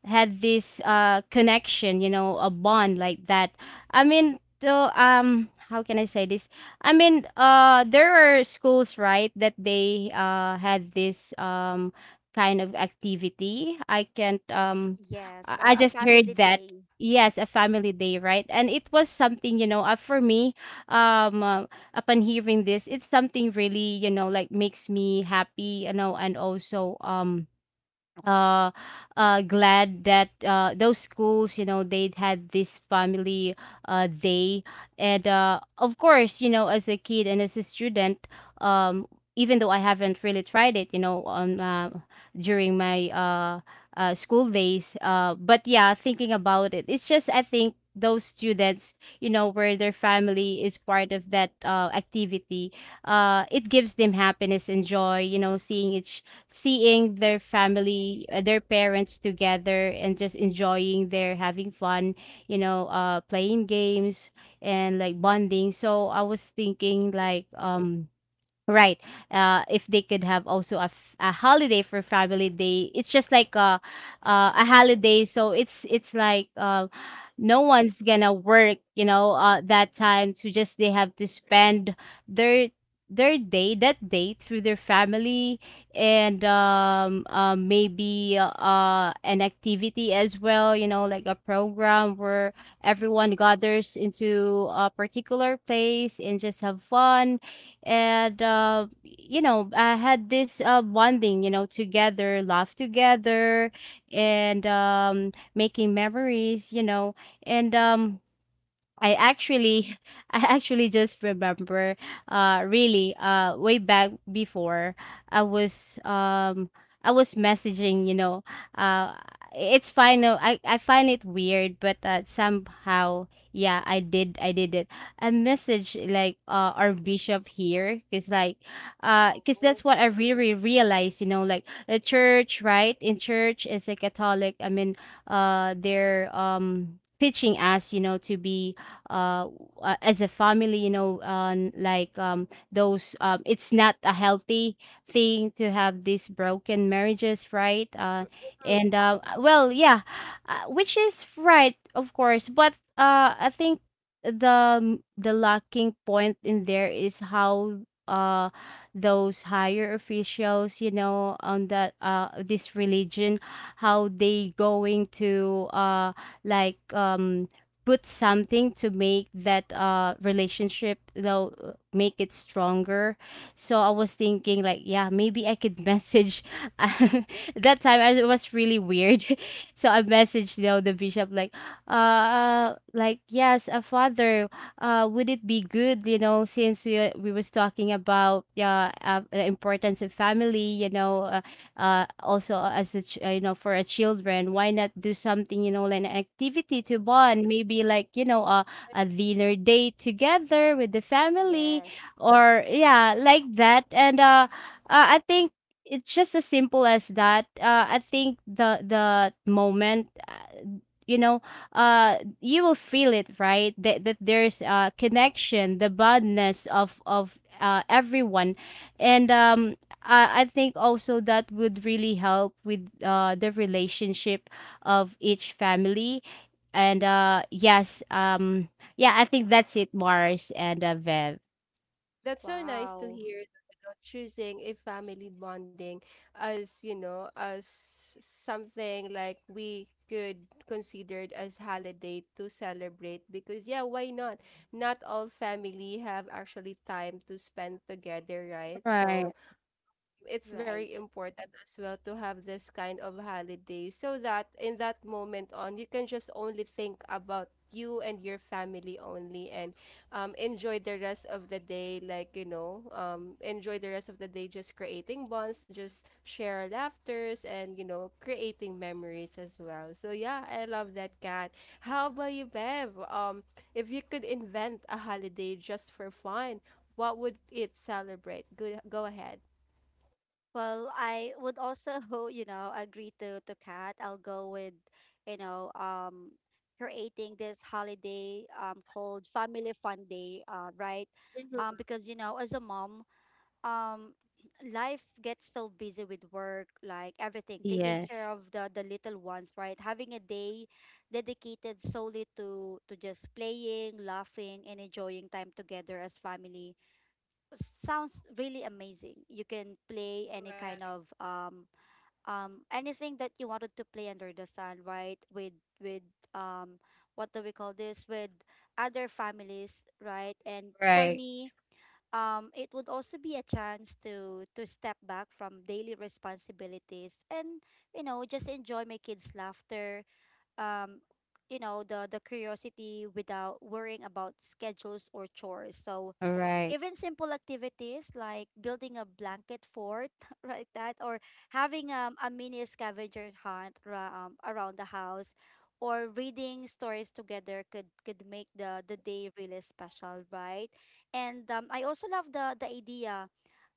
Speaker 2: had this connection, you know, a bond like that. I mean, so um, how can I say this? I mean, there are schools, right, that they had this um, kind of activity. I can't
Speaker 3: Yes,
Speaker 2: I
Speaker 3: a
Speaker 2: just
Speaker 3: family
Speaker 2: heard that.
Speaker 3: day.
Speaker 2: Yes, a family day, right? And it was something, you know, for me, um, uh, upon hearing this, it's something really, you know, like makes me happy, you know, and also uh glad that those schools, you know, they had this family day. And of course, you know, as a kid and as a student, um, even though I haven't really tried it, you know, on during my school days, but yeah, thinking about it, it's just I think those students, you know, where their family is part of that activity, it gives them happiness and joy, you know, seeing their family, their parents together and just enjoying their having fun, you know, playing games and like bonding. So I was thinking like um, Right. If they could have also a holiday for family day, it's just like a holiday. So it's like no one's gonna work, you know, that time to just they have to spend their their day that day through their family, and maybe an activity as well, you know, like a program where
Speaker 3: Hmm.
Speaker 2: everyone gathers into a particular place and just have fun. And you know, I had this bonding, you know, together, laugh together and making memories, you know, and I actually I actually just remember really way back before. I was um, I was messaging, you know, uh, it's fine. Uh, I find it weird, but somehow yeah, I did it. I message like our bishop here, cuz like cuz that's what I really realized, you know, like the church, right? In church, is a Catholic. I mean, they're um, teaching us, you know, to be uh, as a family, you know, like those it's not a healthy thing to have these broken marriages, right? And well, yeah, which is right of course, but I think the lacking point in there is how uh those higher officials, you know, on that this religion, how they going to like um, put something to make that relationship though make it stronger. So I was thinking like, yeah, maybe I could message, that time I, it was really weird, so I messaged, you know, the bishop, like like, yes, a father, would it be good, you know, since we was talking about, yeah, the importance of family, you know, also as a you know, for a children, why not do something, you know, like an activity to bond, maybe like, you know, a dinner date together with the family,
Speaker 3: Yes.
Speaker 2: or yeah, like that. And I think it's just as simple as that. I think the moment you know, you will feel it, right, that, that there's a connection, the bondness of everyone. And um, I think also that would really help with the relationship of each family. And yes, yeah, I think that's it, Mars and Vev.
Speaker 1: That's so nice to
Speaker 3: Wow.
Speaker 1: hear that, you know, choosing a family bonding as, you know, as something like we could consider it as holiday to celebrate, because yeah, why not? Not all family have actually time to spend together, right?
Speaker 2: Right.
Speaker 1: So it's very
Speaker 3: Right.
Speaker 1: important as well to have this kind of holiday, so that in that moment on, you can just only think about you and your family only, and enjoy the rest of the day, like you know enjoy the rest of the day just creating bonds, just share laughters, and you know, creating memories as well. So yeah, I love that, Kat. How about you, Bev? If you could invent a holiday just for fun, what would it celebrate? Go ahead.
Speaker 3: Well, I would also, you know, agree to Kat. I'll go with, you know, creating this holiday called Family Fun Day, right? Because you know, as a mom, um, life gets so busy with work, like everything, taking
Speaker 2: Yes.
Speaker 3: care of the little ones, right? Having a day dedicated solely to just playing, laughing, and enjoying time together as family sounds really amazing. You can play any
Speaker 1: Correct,
Speaker 3: kind of anything that you wanted to play under the sun, right? With um what do we call this? With other families, right? And for
Speaker 2: Right.
Speaker 3: me, it would also be a chance to step back from daily responsibilities and you know, just enjoy my kids' laughter. Um you know, the curiosity without worrying about schedules or chores. So
Speaker 2: All right.
Speaker 3: even simple activities like building a blanket fort, right? That, or having a mini scavenger hunt around the house, or reading stories together could make the day really special, right? And I also love the idea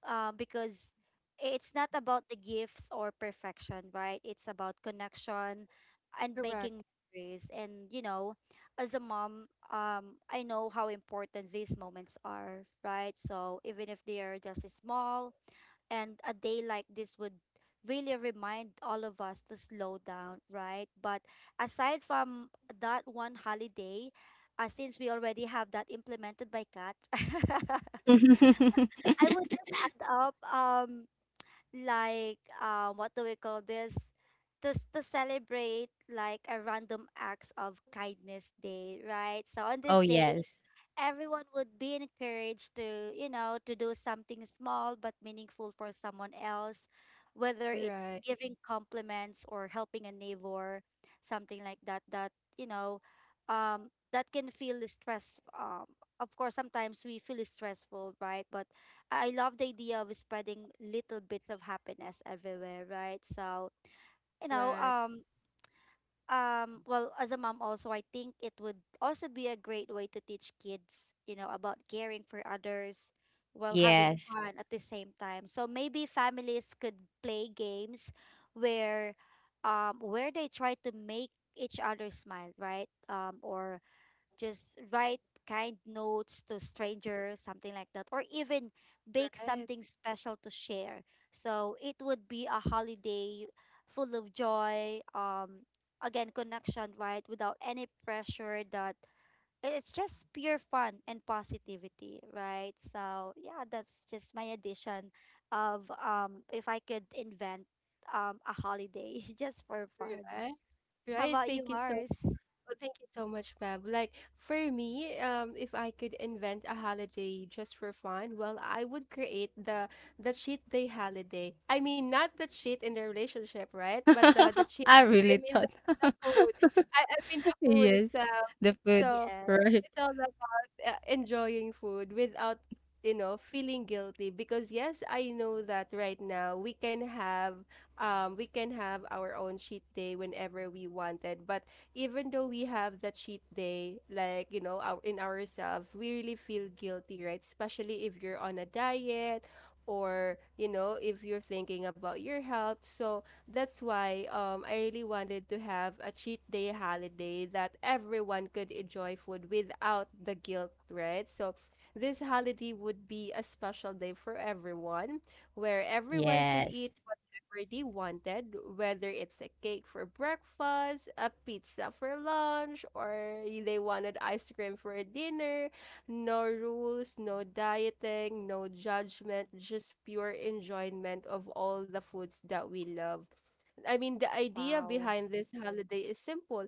Speaker 3: because it's not about the gifts or perfection, right? It's about connection and
Speaker 1: correct,
Speaker 3: making memories. And you know, as a mom, I know how important these moments are, right? So even if they are just small, and a day like this would really remind all of us to slow down, right? But aside from that one holiday, since we already have that implemented by Kat, I would just add up what do we call this? To celebrate like a random acts of kindness day, right? So on this
Speaker 2: Oh,
Speaker 3: day,
Speaker 2: yes.
Speaker 3: everyone would be encouraged to, you know, to do something small but meaningful for someone else, whether it's
Speaker 1: right,
Speaker 3: giving compliments or helping a neighbor, something like that, that, that can feel stress. Of course, sometimes we feel stressful, right? But I love the idea of spreading little bits of happiness everywhere, right? So, you know,
Speaker 1: correct,
Speaker 3: um, well, as a mom also, I think it would also be a great way to teach kids, you know, about caring for others while having
Speaker 2: Yes.
Speaker 3: fun at the same time. So maybe families could play games where where they try to make each other smile, right? Or just write kind notes to strangers, something like that, or even bake
Speaker 1: right,
Speaker 3: something special to share. So it would be a holiday full of joy, again, connection, right? Without any pressure. That it's just pure fun and positivity, right? So yeah, that's just my addition of if I could invent a holiday just for fun.
Speaker 1: right,
Speaker 3: How
Speaker 1: right.
Speaker 3: about you,
Speaker 1: Thank you so,
Speaker 3: Mars?
Speaker 1: oh, thank you so much, Mab. Like for me, if I could invent a holiday just for fun, well, I would create the cheat day holiday. I mean, not the cheat in the relationship, right? But the cheat.
Speaker 2: I
Speaker 1: I
Speaker 2: really
Speaker 1: mean, the
Speaker 2: thought.
Speaker 1: food. I mean the food
Speaker 2: Yes.
Speaker 1: itself.
Speaker 2: The food,
Speaker 1: So
Speaker 2: right?
Speaker 3: Yes.
Speaker 1: it's all enjoying food without you know feeling guilty, because yes, I know that right now, we can have our own cheat day whenever we wanted, but even though we have that cheat day, like you know, our, in ourselves we really feel guilty, right? Especially if you're on a diet or you know, if you're thinking about your health. So that's why I really wanted to have a cheat day holiday that everyone could enjoy food without the guilt, right? So this holiday would be a special day for everyone where everyone could
Speaker 2: Yes.
Speaker 1: eat whatever they wanted, whether it's a cake for breakfast, a pizza for lunch, or they wanted ice cream for dinner. No rules, no dieting, no judgment, just pure enjoyment of all the foods that we love. I mean, the idea
Speaker 3: Wow.
Speaker 1: behind this holiday is simple.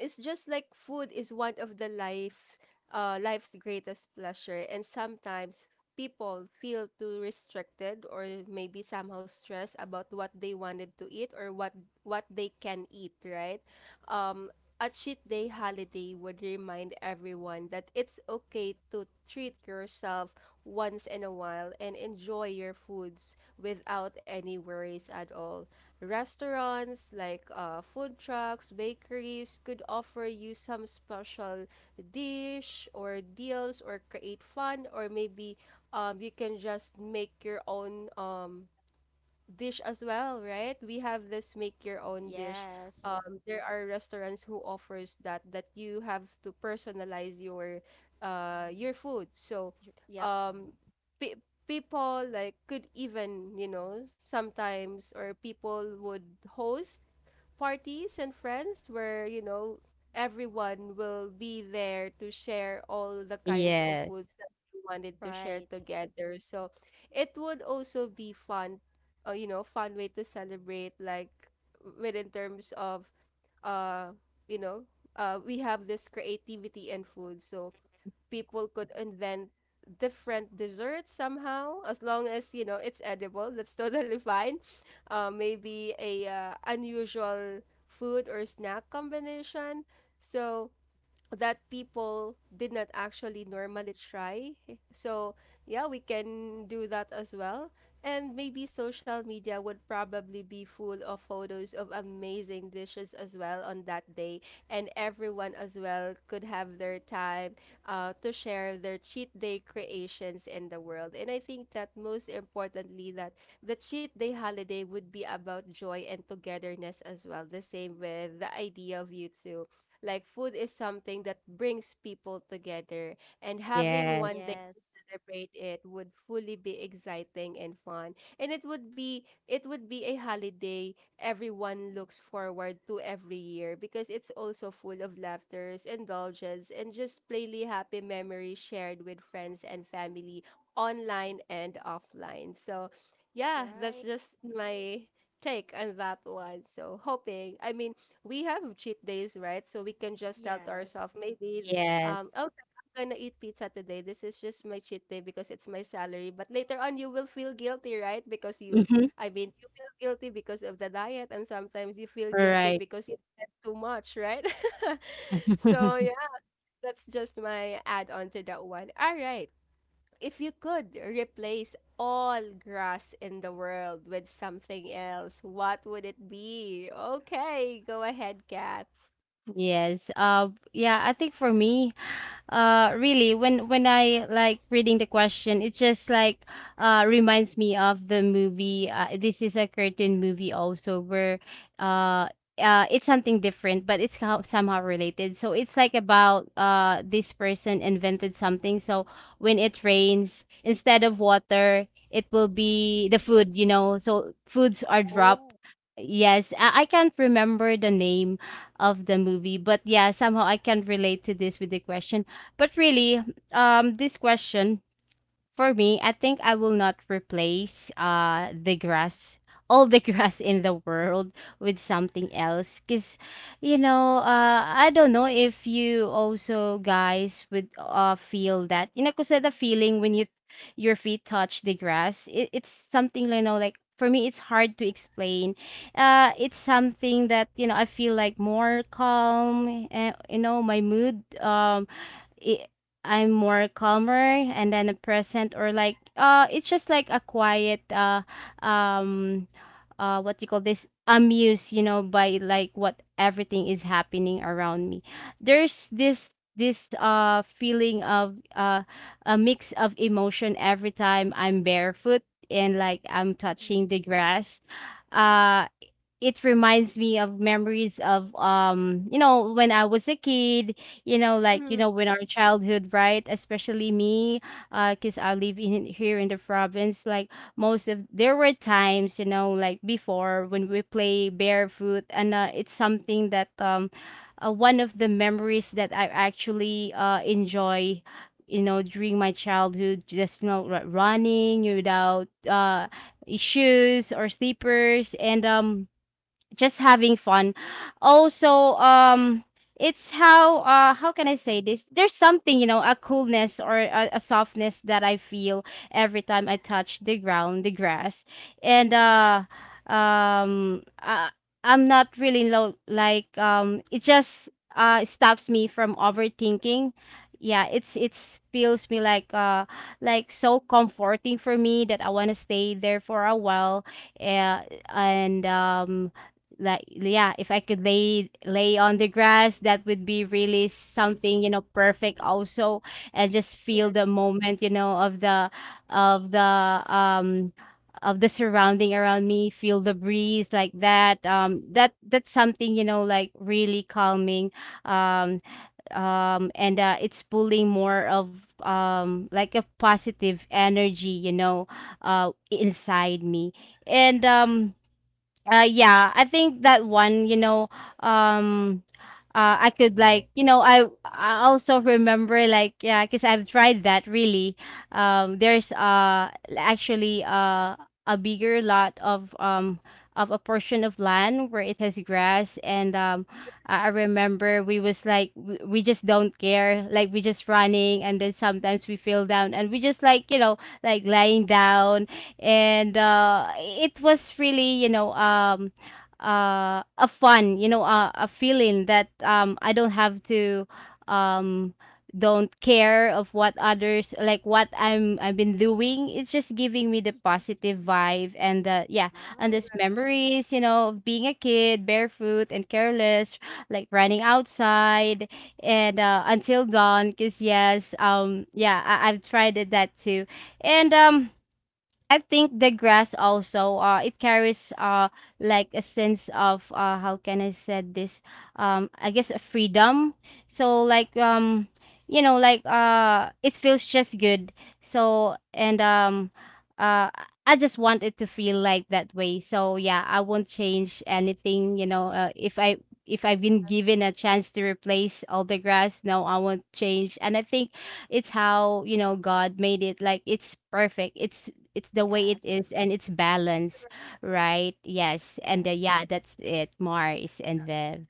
Speaker 1: It's just like food is one of life's greatest pleasure, and sometimes people feel too restricted or maybe somehow stressed about what they wanted to eat or what they can eat, right? Um, a cheat day holiday would remind everyone that it's okay to treat yourself once in a while and enjoy your foods without any worries at all. Restaurants like food trucks, bakeries could offer you some special dish or deals or create fun, or maybe you can just make your own dish as well, right? We have this make your own dish.
Speaker 3: Yes.
Speaker 1: There are restaurants who offers that you have to personalize your your food. So,
Speaker 3: J- Yep.
Speaker 1: um, pe people like could even, you know, sometimes or people would host parties and friends where, you know, everyone will be there to share all the kinds of
Speaker 2: Yes.
Speaker 1: foods that we wanted to share
Speaker 3: Right.
Speaker 1: together. So it would also be fun, you know, fun way to celebrate, like within terms of, uh, you know, we have this creativity and food. So people could invent different desserts somehow as long as you know it's edible, that's totally fine. Maybe a unusual food or snack combination so that people did not actually normally try. So, yeah, we can do that as well. And maybe social media would probably be full of photos of amazing dishes as well on that day. And everyone as well could have their time to share their cheat day creations in the world. And I think that most importantly, that the cheat day holiday would be about joy and togetherness as well. The same with the idea of YouTube, like food is something that brings people together, and having
Speaker 2: Yes.
Speaker 1: one day
Speaker 3: Yes.
Speaker 1: to celebrate it would fully be exciting and fun. And it would be a holiday everyone looks forward to every year because it's also full of laughters, indulgence, and just plainly happy memories shared with friends and family online and offline. So, yeah, that's
Speaker 3: Right.
Speaker 1: just my take on that one. So, hoping, I mean, we have cheat days, right? So we can just tell to
Speaker 3: Yes.
Speaker 1: ourselves, maybe,
Speaker 2: Yes.
Speaker 1: oh, I'm gonna eat pizza today. This is just my cheat day because it's my salary. But later on, you will feel guilty, right? Because you,
Speaker 2: Mm-hmm.
Speaker 1: I mean, you feel guilty because of the diet, and sometimes you feel
Speaker 2: All
Speaker 1: guilty
Speaker 2: right.
Speaker 1: because you spent too much, right? So yeah, that's just my add on to that one. All right. If you could replace all grass in the world with something else, what would it be? Okay, go ahead, Kat.
Speaker 2: Yes. Yeah, I think for me, really, when I like reading the question, it just like reminds me of the movie. Uh, this is a curtain movie also where uh it's something different, but it's how, somehow related. So it's like about this person invented something. So when it rains, instead of water, it will be the food. You know, so foods are
Speaker 1: Oh,
Speaker 2: dropped.
Speaker 3: Oh.
Speaker 2: Yes, I can't remember the name of the movie, but yeah, somehow I can relate to this with the question. But really, this question, for me, I think I will not replace the grass, all the grass in the world with something else, cause you know, I don't know if you also guys would feel that, you know, cause the feeling when you your feet touch the grass, it's something you know like. For me, it's hard to explain. It's something that, you know, I feel like more calm. You know, my mood i- I'm more calmer and then a present, or like it's just like a quiet um what you call this, amused, you know, by like what everything is happening around me. There's this feeling of a mix of emotion every time I'm barefoot and like I'm
Speaker 3: Mm-hmm.
Speaker 2: touching the grass. uh it reminds me of memories of um, you know, when I was a kid, you know, like, you
Speaker 1: mhm.
Speaker 2: know, when our childhood, right, especially me, because I live in here in the province, like most of there were times, you know, like before when we play barefoot. And it's something that one of the memories that I actually enjoy, you know, during my childhood, just, you know, running without shoes or slippers and um, just having fun. Also, it's how can I say this? There's something, you know, a coolness or a softness that I feel every time I touch the ground, the grass, and um uh, I'm not really low, like um, it just stops me from overthinking. Yeah, it's feels me like so comforting for me that I want to stay there for a while, uh, and um, like yeah, if I could lay on the grass, that would be really something, you know, perfect also, and just feel
Speaker 1: Yes,
Speaker 2: the moment, you know, of the um, of the surrounding around me, feel the breeze like that, um, that that's something, you know, like really calming, um um. And it's pulling more of um, like a positive energy, you know, inside me. And yeah, I think that one, you know, um, I could like, you know, I also remember, like yeah, because I've tried that really. Um, there's actually a bigger lot of um, of a portion of land where it has grass. And um, I remember we was like we just don't care, like we just running and then sometimes we fell down and we just like, you know, like lying down. And it was really, you know, um, a fun, you know, a feeling that um, I don't have to um, don't care of what others like what I've been doing, it's just giving me the
Speaker 3: Mm-hmm.
Speaker 2: positive vibe and the yeah. And
Speaker 3: Wow.
Speaker 2: those memories, you know, of being a kid, barefoot and careless, like running outside and until dawn, because yes, um, yeah, I've tried it that too. And um, I think the grass also it carries like a sense of how can I said this, um, I guess a freedom. So like um, you know, like it feels just good. So and uh I just want it to feel like that way, so yeah, I won't change anything, you know, if I, if I've been given a chance to replace all the grass, no, I won't change. And I think it's how, you know, God made it, like it's perfect, it's the way it is,
Speaker 3: Yes.
Speaker 2: and it's balance, right? Yes. And the,
Speaker 3: Yes.
Speaker 2: yeah, that's it, Mars and Viv.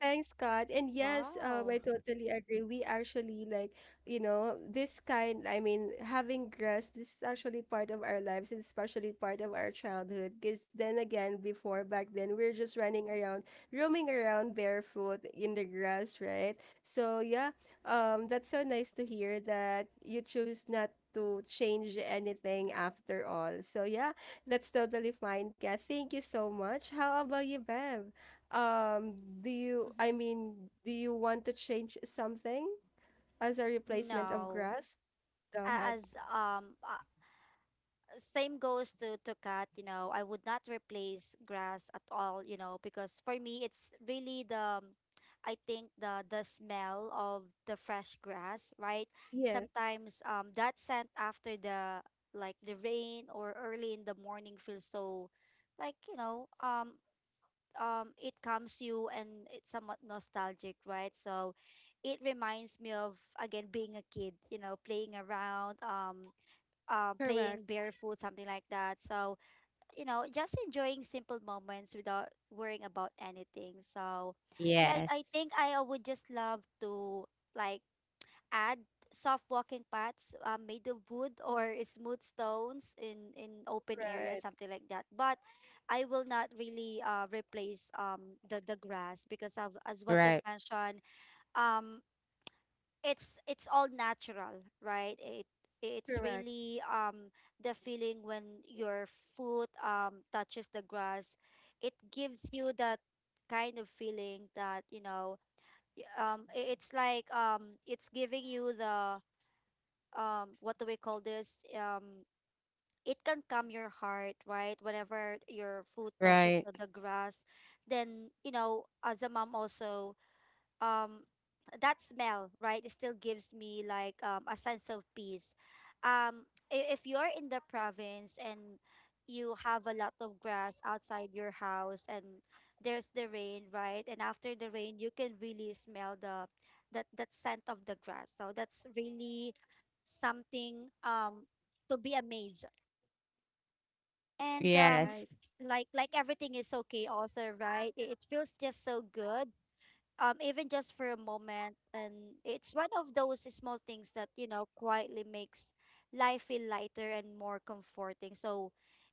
Speaker 1: thanks, God. And yes,
Speaker 3: Wow.
Speaker 1: I totally agree. We actually like, you know, this kind, I mean, having grass, this is actually part of our lives and especially part of our childhood. Because then again, before back then, we are just running around, roaming around barefoot in the grass, right? So yeah, that's so nice to hear that you choose not to change anything after all. So yeah, that's totally fine, Kat. Thank you so much. How about you, Bev? Um, do you, I
Speaker 3: Mm-hmm.
Speaker 1: mean, do you want to change something as a replacement of
Speaker 3: No.
Speaker 1: grass? Go ahead.
Speaker 3: As same goes to cat you know, I would not replace grass at all, you know, because for me it's really the I think the smell of the fresh grass, right?
Speaker 1: Yes,
Speaker 3: Sometimes that scent after the rain or early in the morning feels so like, you know, it comes you, and it's somewhat nostalgic, right? So it reminds me of again being a kid, you know, playing around, playing
Speaker 1: correct.
Speaker 3: barefoot, something like that. So, you know, just enjoying simple moments without worrying about anything. So, yeah, I
Speaker 2: Yes.
Speaker 3: think I would just love to like add soft walking paths made of wood or smooth stones in open areas,
Speaker 1: Right,
Speaker 3: something like that. But I will not really replace the grass because of as what you've
Speaker 2: Right.
Speaker 3: mentioned. Um, it's all natural, right? It it's
Speaker 1: correct.
Speaker 3: really the feeling when your foot touches the grass. It gives you that kind of feeling that, you know, it's like it's giving you the what do we call this? It can calm your heart, right? Whenever your foot touches
Speaker 2: Right.
Speaker 3: the grass, then you know, as a mom also, um that smell, right, it still gives me like a sense of peace. If you're in the province and you have a lot of grass outside your house, and there's the rain, right, and after the rain you can really smell the that that scent of the grass. So that's really something to be amazed. And
Speaker 1: Right,
Speaker 2: Yes.
Speaker 3: Like everything is so chaos, right? It feels just so good, even just for a moment. And it's one of those small things that, you know, quietly makes life feel lighter and more comforting. So,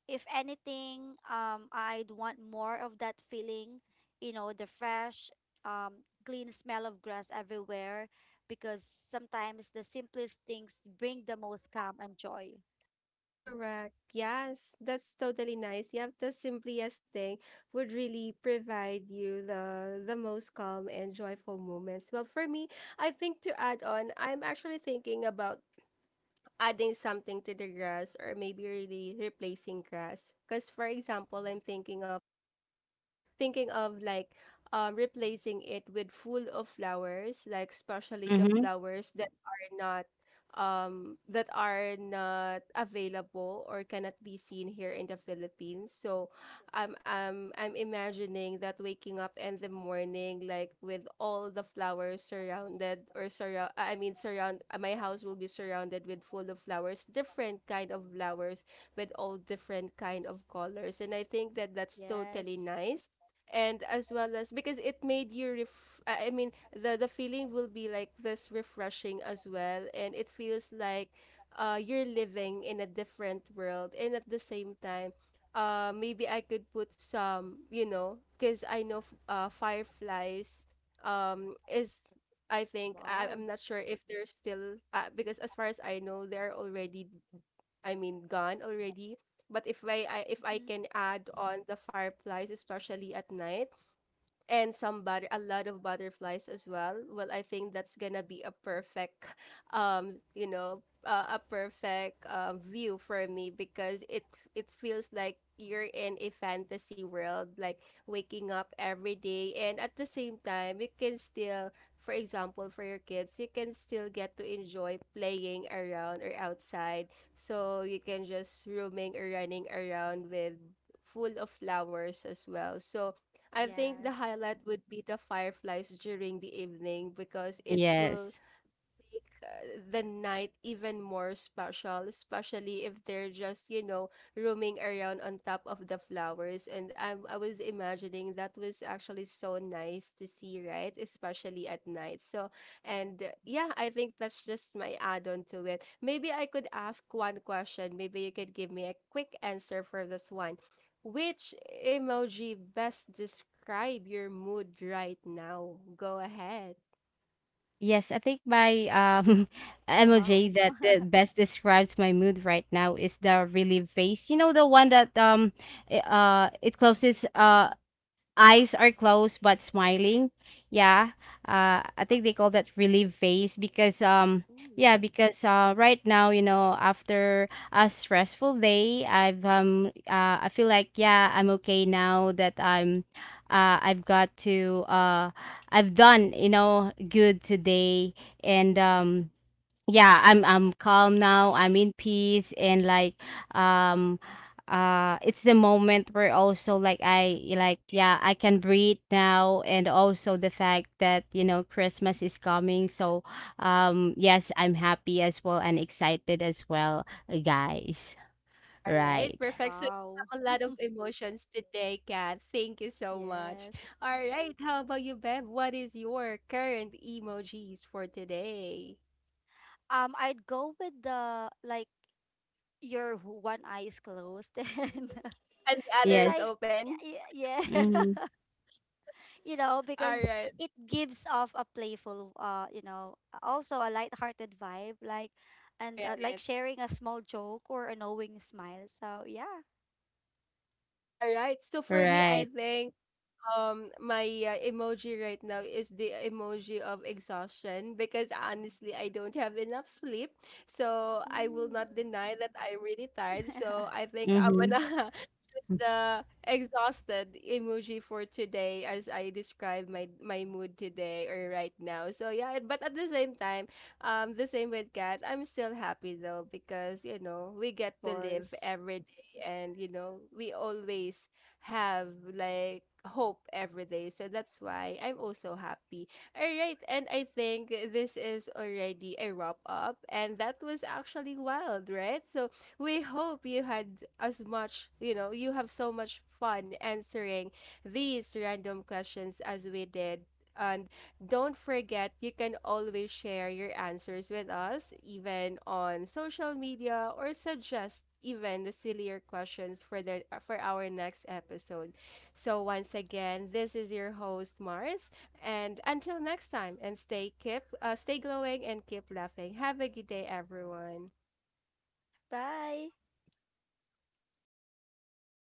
Speaker 3: if anything, I'd want more of that feeling, you know, the fresh, clean smell of grass everywhere, because sometimes the simplest things bring the most calm and joy.
Speaker 1: correct. Yes, that's totally nice. Yep, the simplest thing would really provide you the most calm and joyful moments. Well, for me, I think to add on, I'm actually thinking about adding something to the grass or maybe really replacing grass. Because for example, I'm thinking of like replacing it with full of flowers, like especially the
Speaker 2: Mm-hmm.
Speaker 1: flowers that are not that are not available or cannot be seen here in the Philippines. So I'm imagining that waking up in the morning like with all the flowers surrounded or surround I mean surround my house will be surrounded with full of flowers, different kind of flowers with all different kind of colors. And I think that that's totally
Speaker 3: Yes.
Speaker 1: nice and as well as because it made you ref I mean the feeling will be like this refreshing as well, and it feels like you're living in a different world. And at the same time, maybe I could put some, you know, because I know fireflies is I think I,
Speaker 3: Wow.
Speaker 1: I'm not sure if they're still because as far as I know they're already, I mean gone already. But if I
Speaker 3: Mhm.
Speaker 1: can add on the fireflies, especially at night, and some but a lot of butterflies as well, well I think that's gonna be a perfect you know, a perfect view for me because it feels like you're in a fantasy world, like waking up every day. And at the same time, you can still, for example, for your kids, you can still get to enjoy playing around or outside. So you can just roaming or running around with full of flowers as well. So I think the
Speaker 3: Yes.
Speaker 1: highlight would be the fireflies during the evening because it will
Speaker 2: Yes.
Speaker 1: make the night even more special, especially if they're just, you know, roaming around on top of the flowers. And I was imagining that was actually so nice to see, right? Especially at night. So, and yeah, I think that's just my add on to it. Maybe I could ask one question. Maybe you could give me a quick answer for this one. Which emoji best describe your mood right now? Go ahead.
Speaker 2: Yes, I think my um, emoji
Speaker 3: Wow.
Speaker 2: that, that best describes my mood right now is the relief face. You know the one that it closes eyes are closed but smiling. Yeah. I think they call that relief phase because um,
Speaker 3: Ooh,
Speaker 2: yeah, because right now, you know, after a stressful day, I've um, uh, I feel like, yeah, I'm okay now that I'm I've got to I've done, you know, good today. And um, yeah, I'm calm now, I'm in peace and like um, it's the moment where also like I, like, yeah, I can breathe now. And also the fact that, you know, Christmas is coming, so um, yes, I'm happy as well and excited as well, guys.
Speaker 1: All right,
Speaker 2: Right.
Speaker 1: perfect. So you
Speaker 3: wow.
Speaker 1: have a lot of emotions today, Kat. Thank you so much.
Speaker 3: Yes.
Speaker 1: All right, how about you, Bev? What is your current emojis for today?
Speaker 3: I'd go with the like your one eye is closed and
Speaker 1: And the other
Speaker 3: you're
Speaker 1: is
Speaker 3: like,
Speaker 2: Yes.
Speaker 1: open.
Speaker 3: yeah, yeah.
Speaker 2: Mm-hmm.
Speaker 3: You know,
Speaker 1: All
Speaker 3: because
Speaker 1: right,
Speaker 3: it gives off a playful you know, also a lighthearted vibe, like, and like
Speaker 1: right.
Speaker 3: sharing a small joke or a knowing smile. So, yeah.
Speaker 1: All right. So for me, I
Speaker 2: Right.
Speaker 1: think my emoji right now is the emoji of exhaustion because honestly, I don't have enough sleep. So I will not
Speaker 3: Mm.
Speaker 1: deny that I'm really tired.
Speaker 3: Of
Speaker 1: So I think I'm
Speaker 2: Mm-hmm.
Speaker 1: gonna That's the exhausted emoji for today as I describe my my mood today or right now. So yeah, but at the same time, the same with Kat, I'm still happy though because, you know, we get to live
Speaker 3: course.
Speaker 1: every day and, you know, we always have like hope every day. So that's why I'm also happy. All right, and I think this is already a wrap up, and that was actually wild, right? So we hope you had as much, you know, you have so much fun answering these random questions as we did. And don't forget, you can always share your answers with us, even on social media, or suggest even the sillier questions for the for our next episode. So once again, this is your host Mars, and until next time, and stay glowing and keep laughing. Have a good day, everyone.
Speaker 3: Bye.